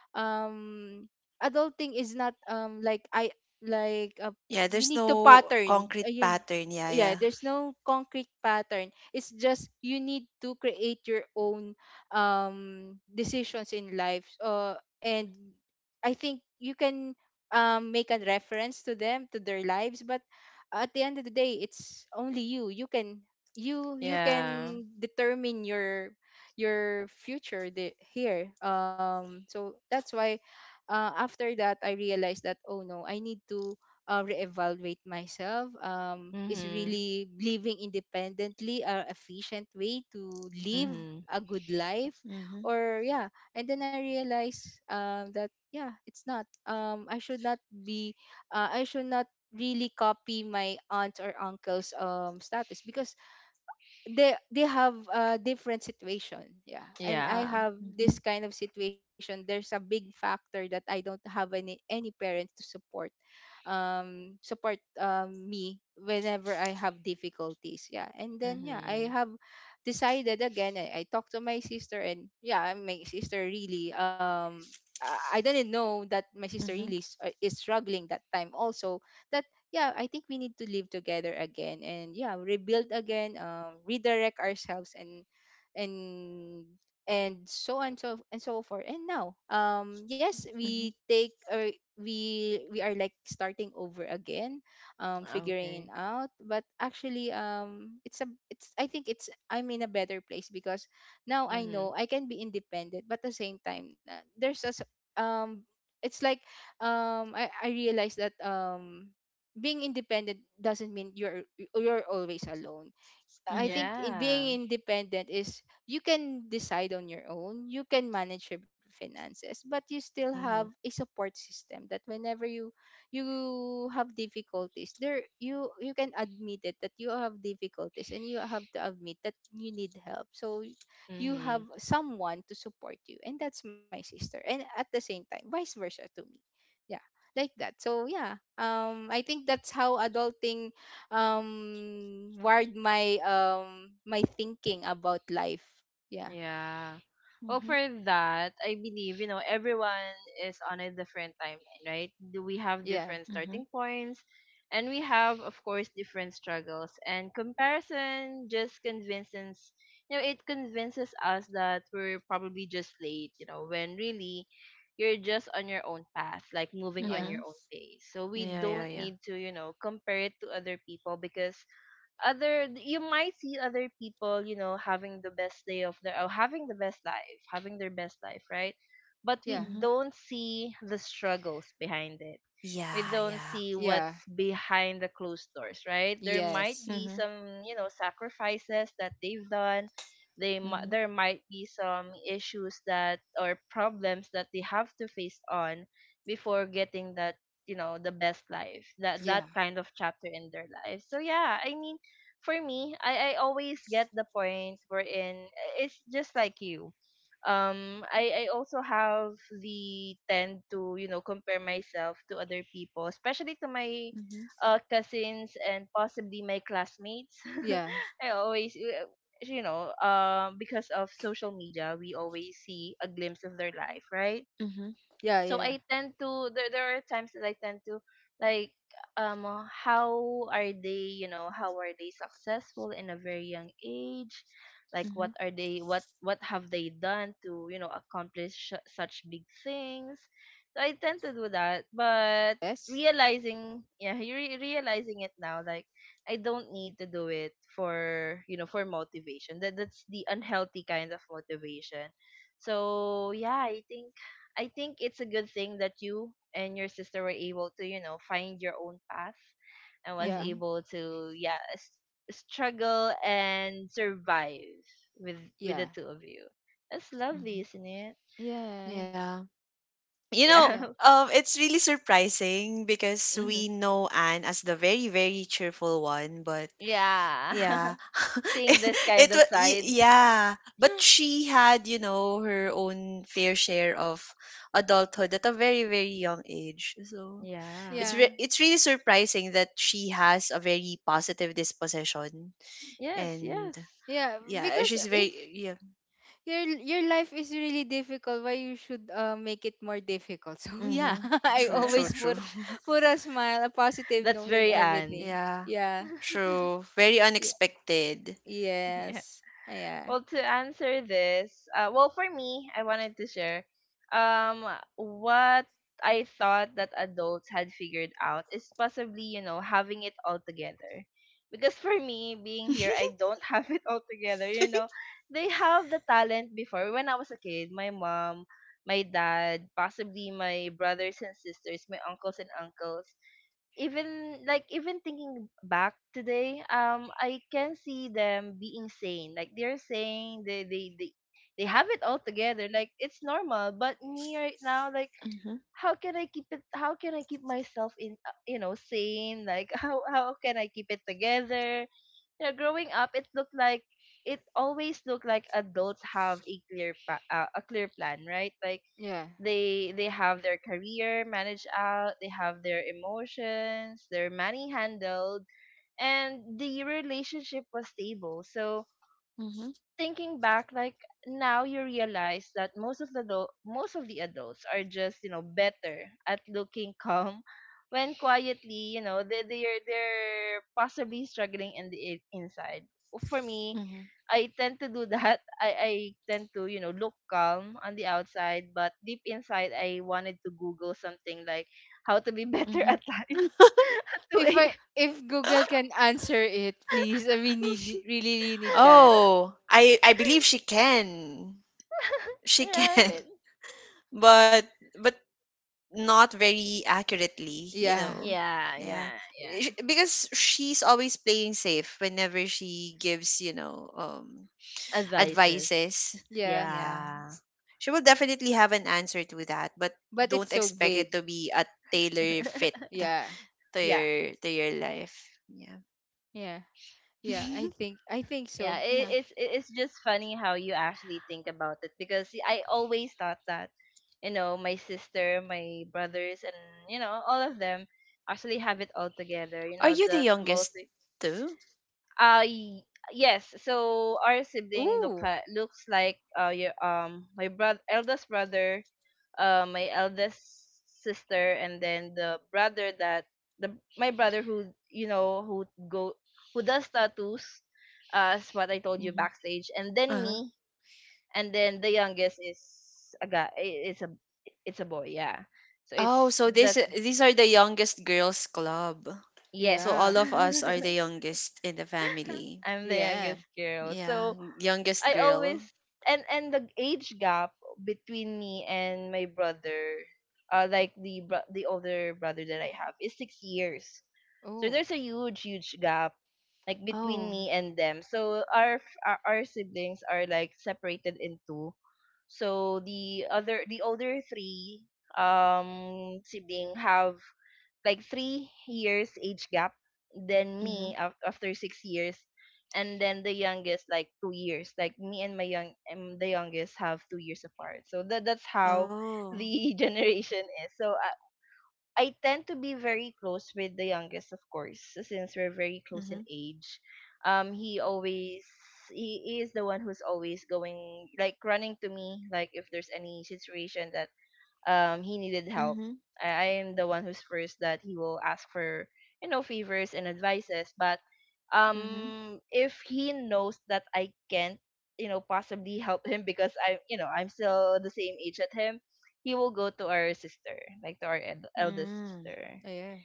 B: um adulting is not like I like
C: Yeah,
B: you
C: there's
B: need to
C: no
B: pattern.
C: concrete pattern, yeah,
B: Yeah,
C: yeah.
B: there's no concrete pattern. It's just you need to create your own decisions in life. And I think you can make a reference to their lives, but at the end of the day, it's only you. You
A: Yeah.
B: can determine your future, the, here so that's why after that I realized that, oh no, I need to reevaluate myself. Is
A: Mhm.
B: really living independently a efficient way to live
A: Mhm.
B: a good life?
C: Mm-hmm.
B: Or yeah. And then I realized that yeah, it's not, be I should not really copy my aunts or uncles status because they have a different situation. Yeah, and I
A: Yeah.
B: have
C: Mm-hmm.
B: this kind of situation. There's a big factor that I don't have any parents to support, me, whenever I have difficulties. Yeah, and then yeah, I
A: Mhm.
B: have decided again. I talked to my sister, and yeah, my sister really, I didn't know that my sister really
C: Mm-hmm.
B: is struggling that time also. Yeah, I think we need to live together again and yeah, rebuild again, redirect ourselves, and and so on so and so forth. And now, yes, we
C: Mhm,
B: take or we are like starting over again, figuring
A: Okay.
B: it out. But actually, it's a it's I think it's I'm in a better place because now I know
A: Mhm.
B: I can be independent, but at the same time, there's a s- um, it's like I realized that being independent doesn't mean you're always alone. I think
C: mhm,
B: in
A: Yeah.
B: being independent is you can decide on your own, you can manage your finances, but you still have
A: Mhm.
B: a support system that whenever you have difficulties, there you you can admit it that you have difficulties, and you have to admit that you need help. So you have
A: Mhm.
B: someone to support you, and that's my sister. And at the same time, vice versa to me. Yeah. Like that. So yeah. I think that's how adulting um wired my thinking about life. Yeah,
A: Yeah. Well, for
C: mhm,
A: that, I believe, you know, everyone is on a different timeline, right? Do we have
B: yeah,
A: different starting
C: mhm,
A: points? And we have, of course, different struggles. And comparison just it convinces us that we're probably just late, when really you're just on your own path, like moving on
B: yeah,
A: your own
C: mhm.
A: pace. So we
C: Yeah,
A: don't
C: yeah,
A: need
C: yeah.
A: to, compare it to other people, because other you might see other people having the best day of their, or having their best life, right? But we
B: yeah,
C: Mhm.
A: don't see the struggles behind it. We
C: Yeah,
A: don't
C: yeah.
A: see
B: yeah,
A: what's behind the closed doors, right? There might
B: yes,
A: be
C: Mhm,
A: some, sacrifices that they've done. They mi-
C: mhm,
A: there might be some issues that or problems that they have to face on before getting that, the best life. That
B: yeah,
A: that kind of chapter in their life. So yeah, I mean, for me, I always get the point wherein, it's just like you, I also have the tend to compare myself to other people, especially to my
C: mhm,
A: cousins and possibly my classmates.
B: yeah,
A: I always you know Because of social media, we always see a glimpse of their life, right?
C: mhm,
B: yeah,
A: so
B: yeah,
A: I tend to there there are times that I tend to, like, how are they successful in a very young age, like what
C: mhm,
A: are they what what have they done to accomplish such big things. So I tend to do that,
B: yes,
A: but realizing it now, like I don't need to do it for, motivation. That's the unhealthy kind of motivation. So yeah, I think it's a good thing that you and your sister were able to, find your own path, and was
B: yeah,
C: mhm,
A: able to, yeah, struggle and survive with with the
B: yeah,
A: two of you. That's lovely,
C: mhm.
A: isn't it?
B: yeah,
C: Yeah. You know,
B: yeah,
A: Yeah.
C: it's really surprising, because
A: Hmm.
C: we know Anne as the very, very cheerful one, but
A: Yeah.
C: yeah, it,
A: Seeing this kind of side.
C: yeah, but she had, her own fair share of adulthood at a very, very young age. So
A: Yeah.
B: yeah,
C: it's really surprising that she has a very positive disposition,
A: Yes,
C: and
A: yes.
B: yeah,
C: yeah,
B: because
C: she's
B: if
C: very, yeah.
B: your life is really difficult, why you should make it more difficult? So yeah,
C: Mm-hmm.
B: I
C: True, true,
B: always
C: true.
B: put put a smile, a positive
A: That's
B: note in
A: very Anne.
B: everything.
C: Yeah,
B: Yeah,
C: true. Very
B: y-
C: unexpected.
A: Yeah.
B: yes, yeah,
A: Well, to answer this, well, for me, I wanted to share, um, what I thought that adults had figured out is possibly, having it all together. Because for me, being here, I don't have it all together. They have the talent before. When I was a kid, my mom, my dad, possibly my brothers and sisters, my uncles and uncles, even thinking back today, I can see them being sane, like they're saying they have it all together, like it's normal. But me right now, like,
C: Mm-hmm,
A: how can I keep it how can I keep myself, in sane, like, how can I keep it together. Growing up, it always looked like adults have a clear plan, right, like
B: yeah.
A: they have their career managed out, they have their emotions, their money handled, and the relationship was stable. So
C: mm-hmm,
A: thinking back, like now you realize that most of the adults are just better at looking calm, when quietly, they're possibly struggling in the inside. For me,
C: mm-hmm,
A: I tend to do that. I tend to, look calm on the outside, but deep inside, I wanted to Google something like how to be better
C: mm-hmm.
A: at life at
B: if
A: 2 a.m.
B: I if Google can answer it, please. I mean, need really, really need that.
C: Oh, I believe she can. she can
A: Right?
C: but but not very accurately, you
B: Yeah,
C: know.
A: Yeah,
C: Yeah.
A: yeah,
C: Eh,
A: yeah.
C: because she's always playing safe whenever she gives, you know,
A: Advices.
C: advices.
B: yeah.
C: Yeah.
A: Yeah.
C: She will definitely have an answer to that, but
B: But
C: don't
B: it's so
C: expect it
B: vague.
C: to be a tailor fit
B: Yeah,
A: Yeah.
C: to your life. Yeah.
B: yeah, yeah. I think I think
A: Yeah,
B: so.
A: it,
B: Yeah.
A: it's it- it's just funny how you actually think about it, because I always thought that, my sister, my brothers, and all of them actually have it all together. You
C: Are
A: know,
C: you the
A: the small.
C: youngest too?
A: Uh y- yes. So our sibling
B: Ooh.
A: looks like, your, my brother, eldest brother, my eldest sister, and then the brother that, the my brother who, who go who does tattoos, as what I told you
C: Hmm.
A: backstage, and then
C: Uh-huh.
A: me. And then the youngest is a guy I- it's a it's a boy, yeah. So it's
C: Oh, so this
A: that's
C: these are the youngest girls club.
A: yes,
C: So all
B: Yeah.
C: of us are the youngest in the family.
A: I'm the
B: Yeah.
A: youngest girl.
C: Yeah,
A: So
C: youngest
A: I always
C: girl.
A: and the age gap between me and my brother, like the older brother that I have is 6 years. So
B: Oh.
A: there's a huge gap, like between
C: Oh.
A: me and them. So our siblings are like separated into. So the older three sibling have like 3 years age gap, then
C: Mm-hmm.
A: me, after 6 years, and then the youngest like 2 years, like me and my young and the youngest have 2 years apart, so that's how
C: Oh.
A: the generation is. So I tend to be very close with the youngest, of course, since we're very close in
C: Mm-hmm.
A: age. um he always he is the one who's always going, like, running to me, like if there's any situation that, he needed help,
C: Mm-hmm.
A: I am the one who's first that he will ask for, favors and advices. But
C: Mm-hmm.
A: if he knows that I can't, possibly help him, because I you know I'm still the same age at him, he will go to our sister, like to our eldest
C: Mm.
A: sister.
B: Yeah.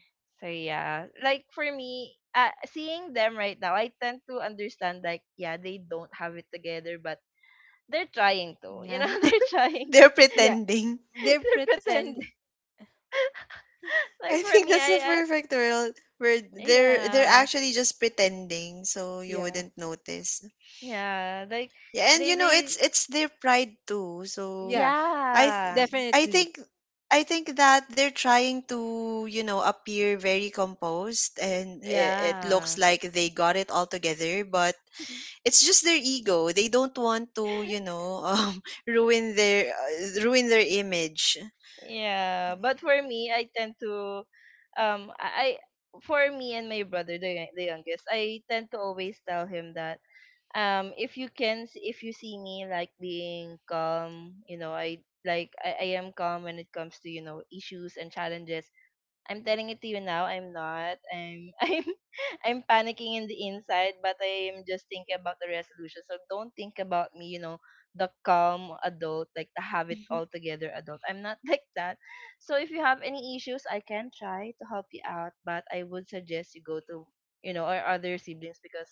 A: So yeah, like for me, seeing them right now, I tend to understand, like yeah, they don't have it together, but they're trying to,
C: Yeah.
A: they're trying.
C: They're
B: Yeah.
C: pretending.
B: They're
A: They're
B: pretending.
A: pretending. Like
C: I
A: for
C: think
A: me,
C: that's the
A: I,
C: perfect word, where they're
A: yeah,
C: actually just pretending, so you
B: Yeah.
C: wouldn't notice.
A: yeah, like
C: Yeah, and
A: they
C: you know, it's
A: they
C: their pride too. So
B: Yeah.
C: I
A: yeah,
C: th- I
B: Definitely.
C: think I think that they're trying to, you know, appear very composed, and it looks
A: yeah,
C: like they got it all together, but it's just their ego. They don't want to, you know, ruin their image.
A: yeah.
C: Yeah.
A: But for me, I tend to, I, for me and my brother, the youngest, I tend to always tell him that, if you see me, like being calm, I, like, I am calm when it comes to, issues and challenges. I'm telling it to you now. I'm not. I'm I'm panicking in the inside, but I'm just thinking about the resolution. So don't think about me, you know, the calm adult, like the have it
C: Mhm.
A: all together adult. I'm not like that. So if you have any issues, I can try to help you out, but I would suggest you go to, our other siblings, because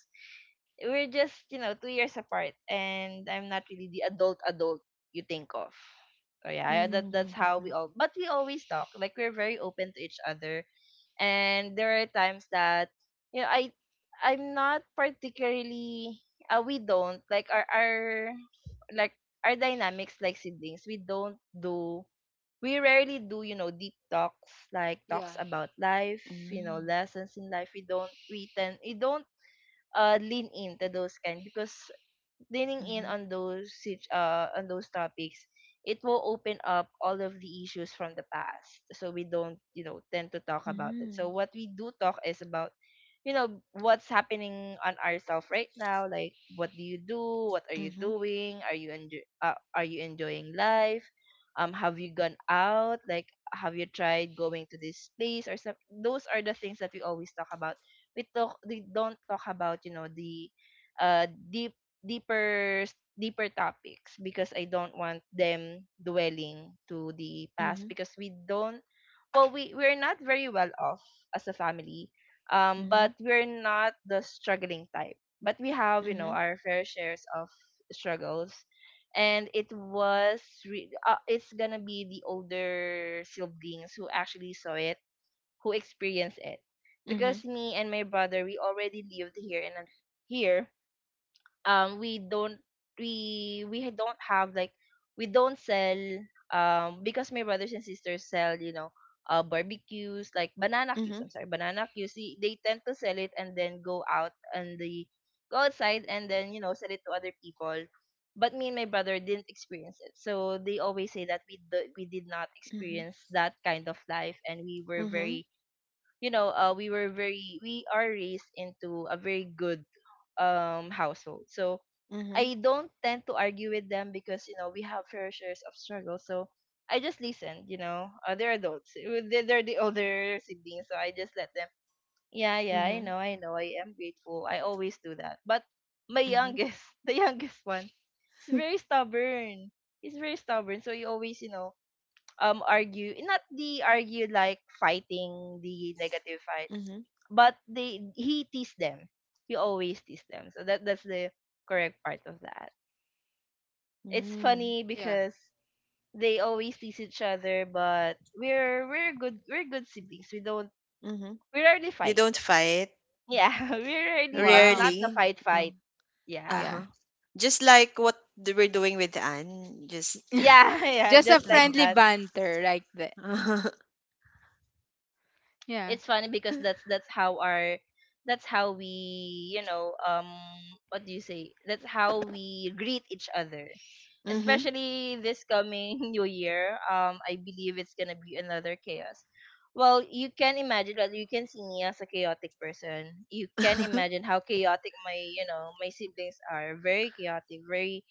A: we're just, 2 years apart, and I'm not really the adult adult you think of. So yeah, that
C: Mhm,
A: that's
C: mhm,
A: how we
C: mhm,
A: all. But we always talk. Like we're very open to each other. And there are times that you know i I'm not particularly we don't like our like our dynamics. Like siblings, we don't do, we rarely do deep talks, like
B: Yeah.
A: talks about life, lessons in life. We don't, we tend, we don't lean into those kind, because leaning in
C: mhm,
A: on on those topics, it will open up all of the issues from the past. So we don't, you know, tend to talk about it. So what we do talk is about, you know, what's happening on ourselves right now. Like, what do you do? What are you
C: mhm,
A: doing? Are you enjoy? Are you enjoying life? Have you gone out? Like, have you tried going to this place or some? Those are the things that we always talk about. We talk. We don't talk about, you know, the uh deep deeper s- deeper topics, because I don't want them dwelling to the past,
C: mhm,
A: because we don't. Well, we're not very well off as a family, um, but we're not the struggling type. But we have, you know,
C: mhm,
A: our fair shares of struggles. And it's gonna be the older siblings who actually saw it, who experienced it,
C: mhm,
A: because
C: mhm,
A: me and my brother, we already lived here. We don't, don't have like, we don't sell, um, because my brothers and sisters sell, you know, barbecues, like
C: mhm,
A: banana cues,
C: mhm,
A: I'm sorry, banana cues, they tend to sell it and then go out and the go outside and then, you know, sell it to other people. But me and my brother didn't experience it, so they always say that we did not
C: mhm,
A: experience that kind of life, and we were very, we are raised into a very good household. So
C: mhm, mhm,
A: I don't tend to argue with them, because you know we have fair shares of struggle. So I just listen. You know, they're adults. They're the older siblings, so I just let them. Yeah, yeah, I
C: mhm,
A: know, I know. I am grateful. I always do that. But my
C: mhm,
A: youngest, the youngest one, is very stubborn. He's very stubborn. So you always, you know, argue. Not the argue like fighting the negative fight,
C: mhm, mhm,
A: but they he teased them. He always teased them. So that's the correct part of that. It's
C: mhm,
A: funny
B: Yeah.
A: because they always tease each other, but we're good siblings. We don't,
C: mhm.
A: we rarely
C: You
A: fight.
C: don't fight
A: Yeah, we rarely, but not
B: Wow.
A: the
C: rarely.
A: fight fight.
C: Um, uh
B: Yeah.
A: Yeah.
C: huh. Just like what we're doing with Anne. Just.
A: Yeah, yeah,
B: Just a
A: just like
C: Uh-huh.
B: friendly
A: that.
B: banter like that. Yeah.
A: It's funny because that's how our, that's how we, you know, what do you say, that's how we greet each other,
C: Mhm.
A: especially this coming new year. I believe it's gonna be another chaos. Well, you can imagine that, you can see me as a chaotic person, you can imagine how chaotic my, you know, my siblings are. Very chaotic, very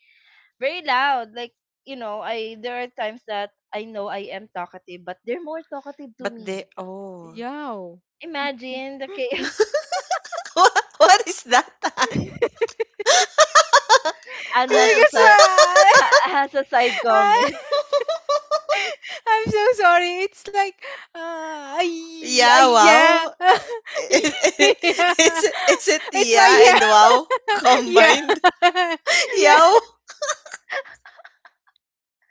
A: very loud, like, you know, I there are times that I know I am talkative, but they're more talkative
C: But
A: to
C: they,
A: me.
C: oh.
B: Yow.
A: Imagine the K.
C: What is that, Ann?
A: Anne has a
B: Because
A: has a side
B: I-
A: comment.
B: I'm so sorry. It's like,
C: Yeah,
B: yeah,
C: wow. Is,
B: yeah.
C: is it
B: It's
C: "yeah" and
B: like,
C: "wow"
B: yeah,
C: combined?
B: yeah, yeah.
C: Yow.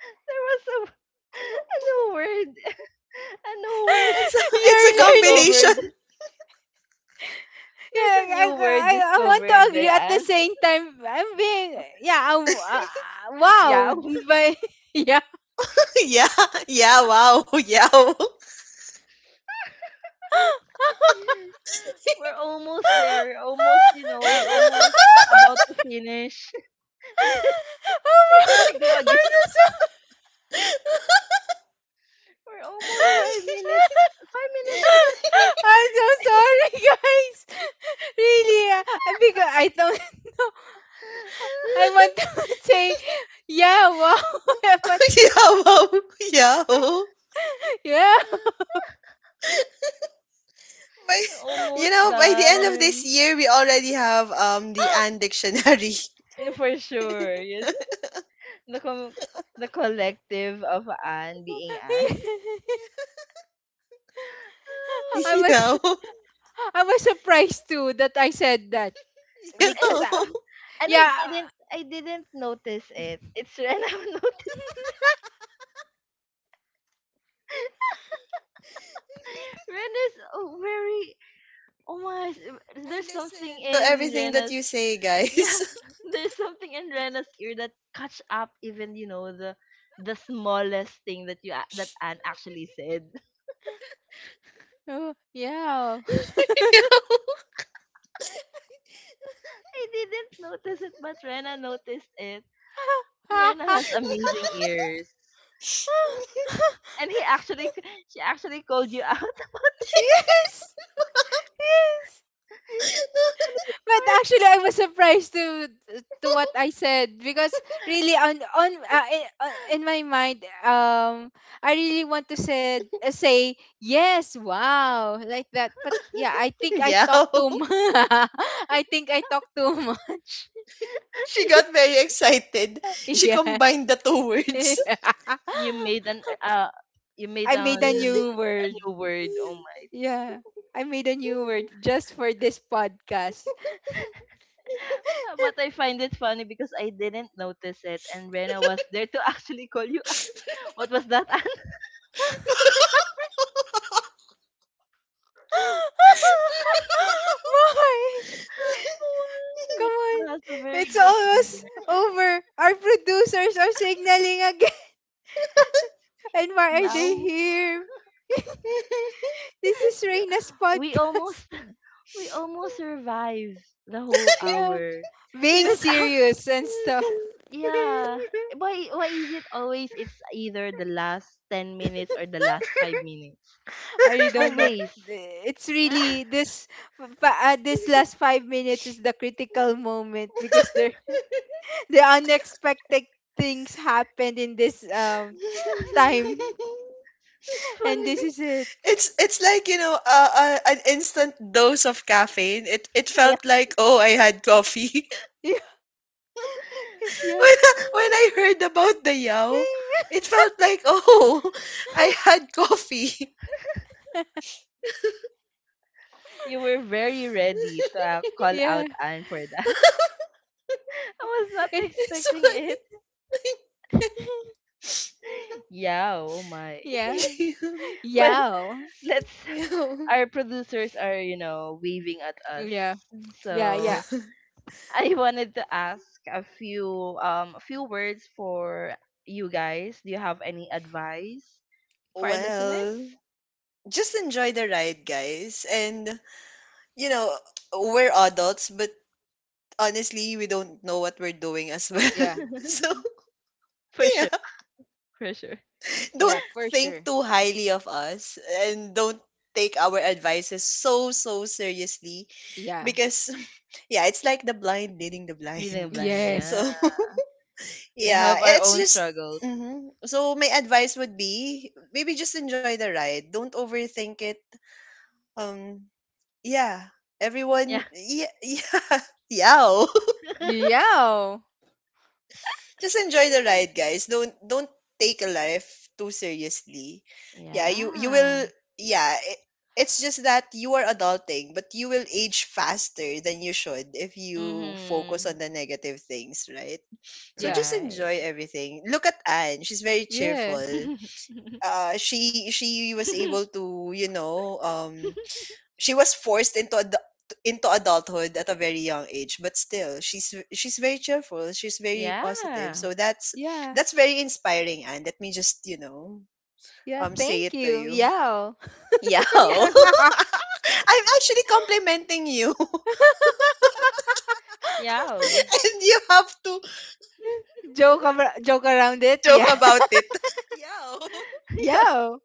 A: There was a a new word, a new word
C: It's a, it's a
B: You're learning.
A: discovered.
C: combination.
B: Yeah,
A: There's a
B: I,
A: new word
B: I, I want
A: discovered
B: to
A: by
B: agree at the
A: Anne.
B: same time. I'm being, yeah, I'm,
A: Yeah,
B: wow. But, yeah.
C: Yeah, wow, yeah, wow,
A: we're almost there. We're almost, you know, we almost about to finish. There
B: Oh my,
A: we go again.
B: I'm so
A: We're almost
B: sorry.
A: 5 minutes. 5 minutes left.
B: I'm so sorry, guys. Really, because I don't know. I want to say, yeah, wow,
C: yow.
B: but
C: Yeah, wow, yow.
B: yeah.
C: By,
A: We're almost
C: by the end of this
A: done.
C: year, we already have the Anne Dictionary.
A: Yeah, for sure. Yes. the com- the collective of Anne being Anne.
B: I
C: You
B: was
C: know.
B: sh- I was surprised too that I said that
C: You
A: and
B: because
C: know.
A: it's al- and I
B: yeah.
A: didn't notice it. It's Rena who noticed. Rena's a very, oh my,
C: I
A: there's something
C: listen to
A: in
C: everything that
A: Rena's,
C: you say,
A: yeah,
C: guys.
A: there's something in Rena's ear that catch up even, you know, the smallest thing that that Anne actually said.
B: Oh, yeah.
C: You know?
A: I didn't notice it, but Rena noticed it. Rena has amazing ears. And he actually she actually called you out.
B: Yes. Yes.
A: The funniest
B: But
A: part.
B: actually, I was surprised to what I said because really in my mind, I really want to said say yes, wow, like that. But yeah, I think I
C: Yeah.
B: talk too much. I think I talk too much.
C: She
A: You,
C: got very excited. She
B: Yeah,
C: combined the two words.
A: you made an uh you made
B: I
A: an
B: made a new
A: a
B: word.
A: new word. Oh my.
B: Yeah, I made a new word just for this podcast.
A: But I find it funny because I didn't notice it, and Rena was there to actually call you out. What was that? Anne?
B: Why? Come
A: Oh,
B: on.
A: Rena has a very
B: It's
A: good
B: almost
A: ear.
B: over. Our producers are signaling again. And why are they
A: Now,
B: here? This is
A: yeah.
B: Reina's
A: We
B: podcast.
A: almost we almost survived the whole
B: Yeah.
A: hour
B: Being
C: Yeah.
A: without.
B: serious and stuff.
A: Yeah. Why is it always it's either the last 10 minutes or the last 5 minutes?
B: I really don't know.
A: Always.
B: It's really this last 5 minutes is the critical moment because there the unexpected things happened in this time.
A: It's
B: And this
A: funny.
B: is it.
C: It's like, you know, an instant dose of caffeine. It
A: Yeah.
C: felt like, oh, I had coffee
B: Yeah.
C: when I, when
A: Oh,
C: I
A: yeah.
C: heard about the yao.
B: Yeah.
C: It felt like, oh, I had coffee.
A: You were very ready to call
B: Yeah.
A: out Anne for that. I was not
C: It's
A: expecting
C: funny.
A: it. Yeah, oh my.
B: Yeah.
A: Well,
B: Yeah.
A: let's,
C: Yeah. Yeah.
A: our producers are, you know, waving at us.
B: Yeah. Yeah. Yeah.
A: So I wanted to ask a few words for you guys. Do you have any advice for our listeners?
C: Well, just enjoy the ride, guys. And, you know, we're adults, but honestly, we don't know what we're doing as well.
B: Yeah,
C: So,
A: For
C: yeah,
A: sure, for sure.
B: yeah,
C: don't
B: for
C: think
B: sure.
C: too highly of us, and don't take our advices so, so seriously,
B: Yeah,
C: because, yeah, it's like the blind leading the
A: Leading
C: blind.
A: blind,
C: So,
A: yeah.
B: yes.
A: We
C: yeah,
A: have our
C: it's
A: own
C: just.
A: struggles.
C: So my advice would be, maybe just enjoy the ride. Don't overthink it. Um Yeah, everyone,
A: Yeah.
C: yeah, yeah, yow.
B: Yeah.
C: Just enjoy the ride, guys. Don't take a life too seriously. Yeah, you
A: Yeah.
C: will. Yeah, it's just that you are adulting, but you will age faster than you should if you focus
A: Mhm.
C: on the negative things, right? So
B: Yeah,
C: just
A: Right.
C: enjoy everything. Look at Anne. She's very
B: yeah.
C: cheerful. She was able to, you know, she was forced into into adulthood at a very young age, but still she's very cheerful. She's very
A: Yeah.
C: positive,
A: Yeah.
C: so that's
B: Yeah.
C: that's very inspiring. And let me just, you know,
B: Yeah.
C: say
B: Thank
C: it to
B: you.
C: you.
B: Yeah.
C: Yeah. I'm
A: Yeah.
C: actually complimenting you. And you have to
B: Joke around it.
C: joke
B: Yeah.
C: about it. Yeah.
A: Yeah.
B: Yeah.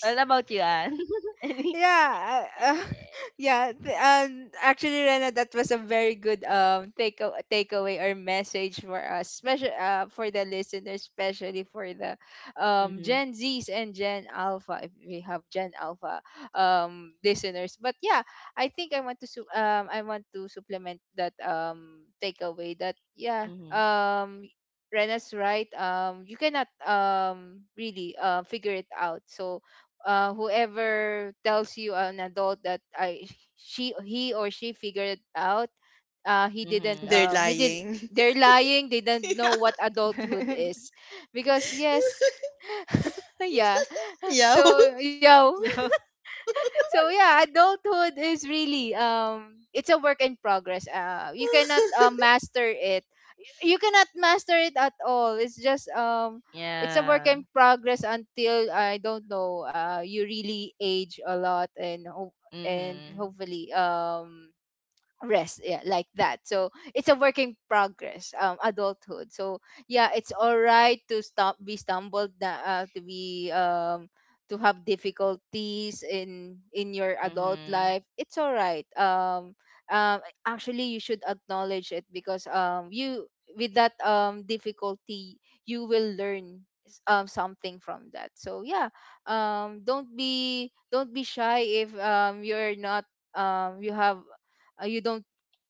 A: What about you, Anne? Any?
B: Yeah, yeah. Actually, Rena, that was a very good takeaway or message for us, especially for the listeners, especially for the
A: Mhm.
B: Gen Zs and Gen Alpha. If we have Gen Alpha listeners, but yeah, I think I want to supplement that takeaway that yeah,
A: Mhm.
B: Rena's right. You cannot really figure it out, so whoever tells you an adult that I she he or she figured it out, he didn't.
A: Mhm.
C: They're
B: He did.
C: lying.
B: They're lying. They don't know what adulthood is, because yes, yeah.
C: Yeah, yeah.
B: So yeah,
A: Yeah.
B: so yeah, adulthood is really, it's a work in progress. You cannot master it, you cannot master it at all. It's just it's a work
A: Yeah.
B: in progress until, I don't know, you really age a lot and and
A: Mhm.
B: hopefully rest, yeah, like that. So it's a working progress, adulthood, so yeah. It's all right to stop be stumbled na- to be to have difficulties in your adult
A: Mhm.
B: life, it's all right. Um Actually, you should acknowledge it because you, with that difficulty, you will learn something from that. So yeah, don't be shy if you're not, you have, you don't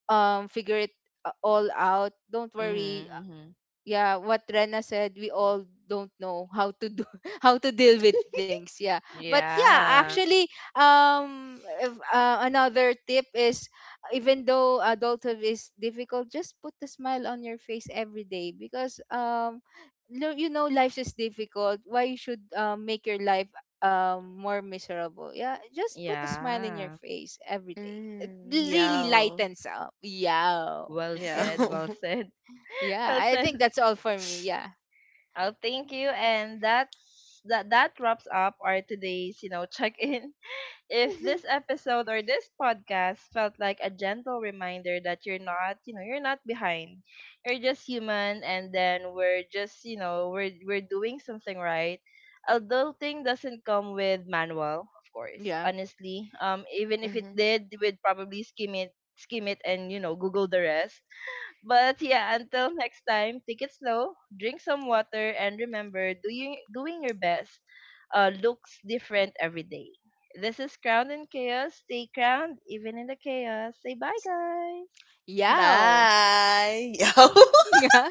B: figure it all out. Don't worry.
A: Mhm. Mhm.
B: Yeah, what Rena said, we all don't know how to do how to deal with things, yeah. But yeah,
A: Yeah.
B: actually, if, another tip is, even though adulthood is difficult, just put a smile on your face every day because no, you know life is difficult. Why you should make your life more miserable? Yeah, just put a smile in your
A: Yeah.
B: face every day. It
C: Mm,
B: really
C: yeah,
B: lightens up, yeah.
A: Well
C: yeah.
A: said.
B: And
A: Well said.
B: yeah,
A: Well
B: I think
A: said.
B: that's all for me. Yeah.
A: Oh, thank you. And that's that. That wraps up our today's, you know, check-in. If
C: Mhm,
A: this episode or this podcast felt like a gentle reminder that you're not, you know, you're not behind. You're just human, and then we're just, you know, we're doing something right. Adulting doesn't come with manual, of course.
B: Yeah.
A: Honestly, um, even if it
C: mhm.
A: did, we'd probably skim it and, you know, google the rest. But yeah, until next time, take it slow, drink some water, and remember, doing your best looks different every day. This is Crown and Chaos. Stay crowned even in the chaos. Say bye, guys.
B: Yow.
C: Bye. Yo.
B: Yeah.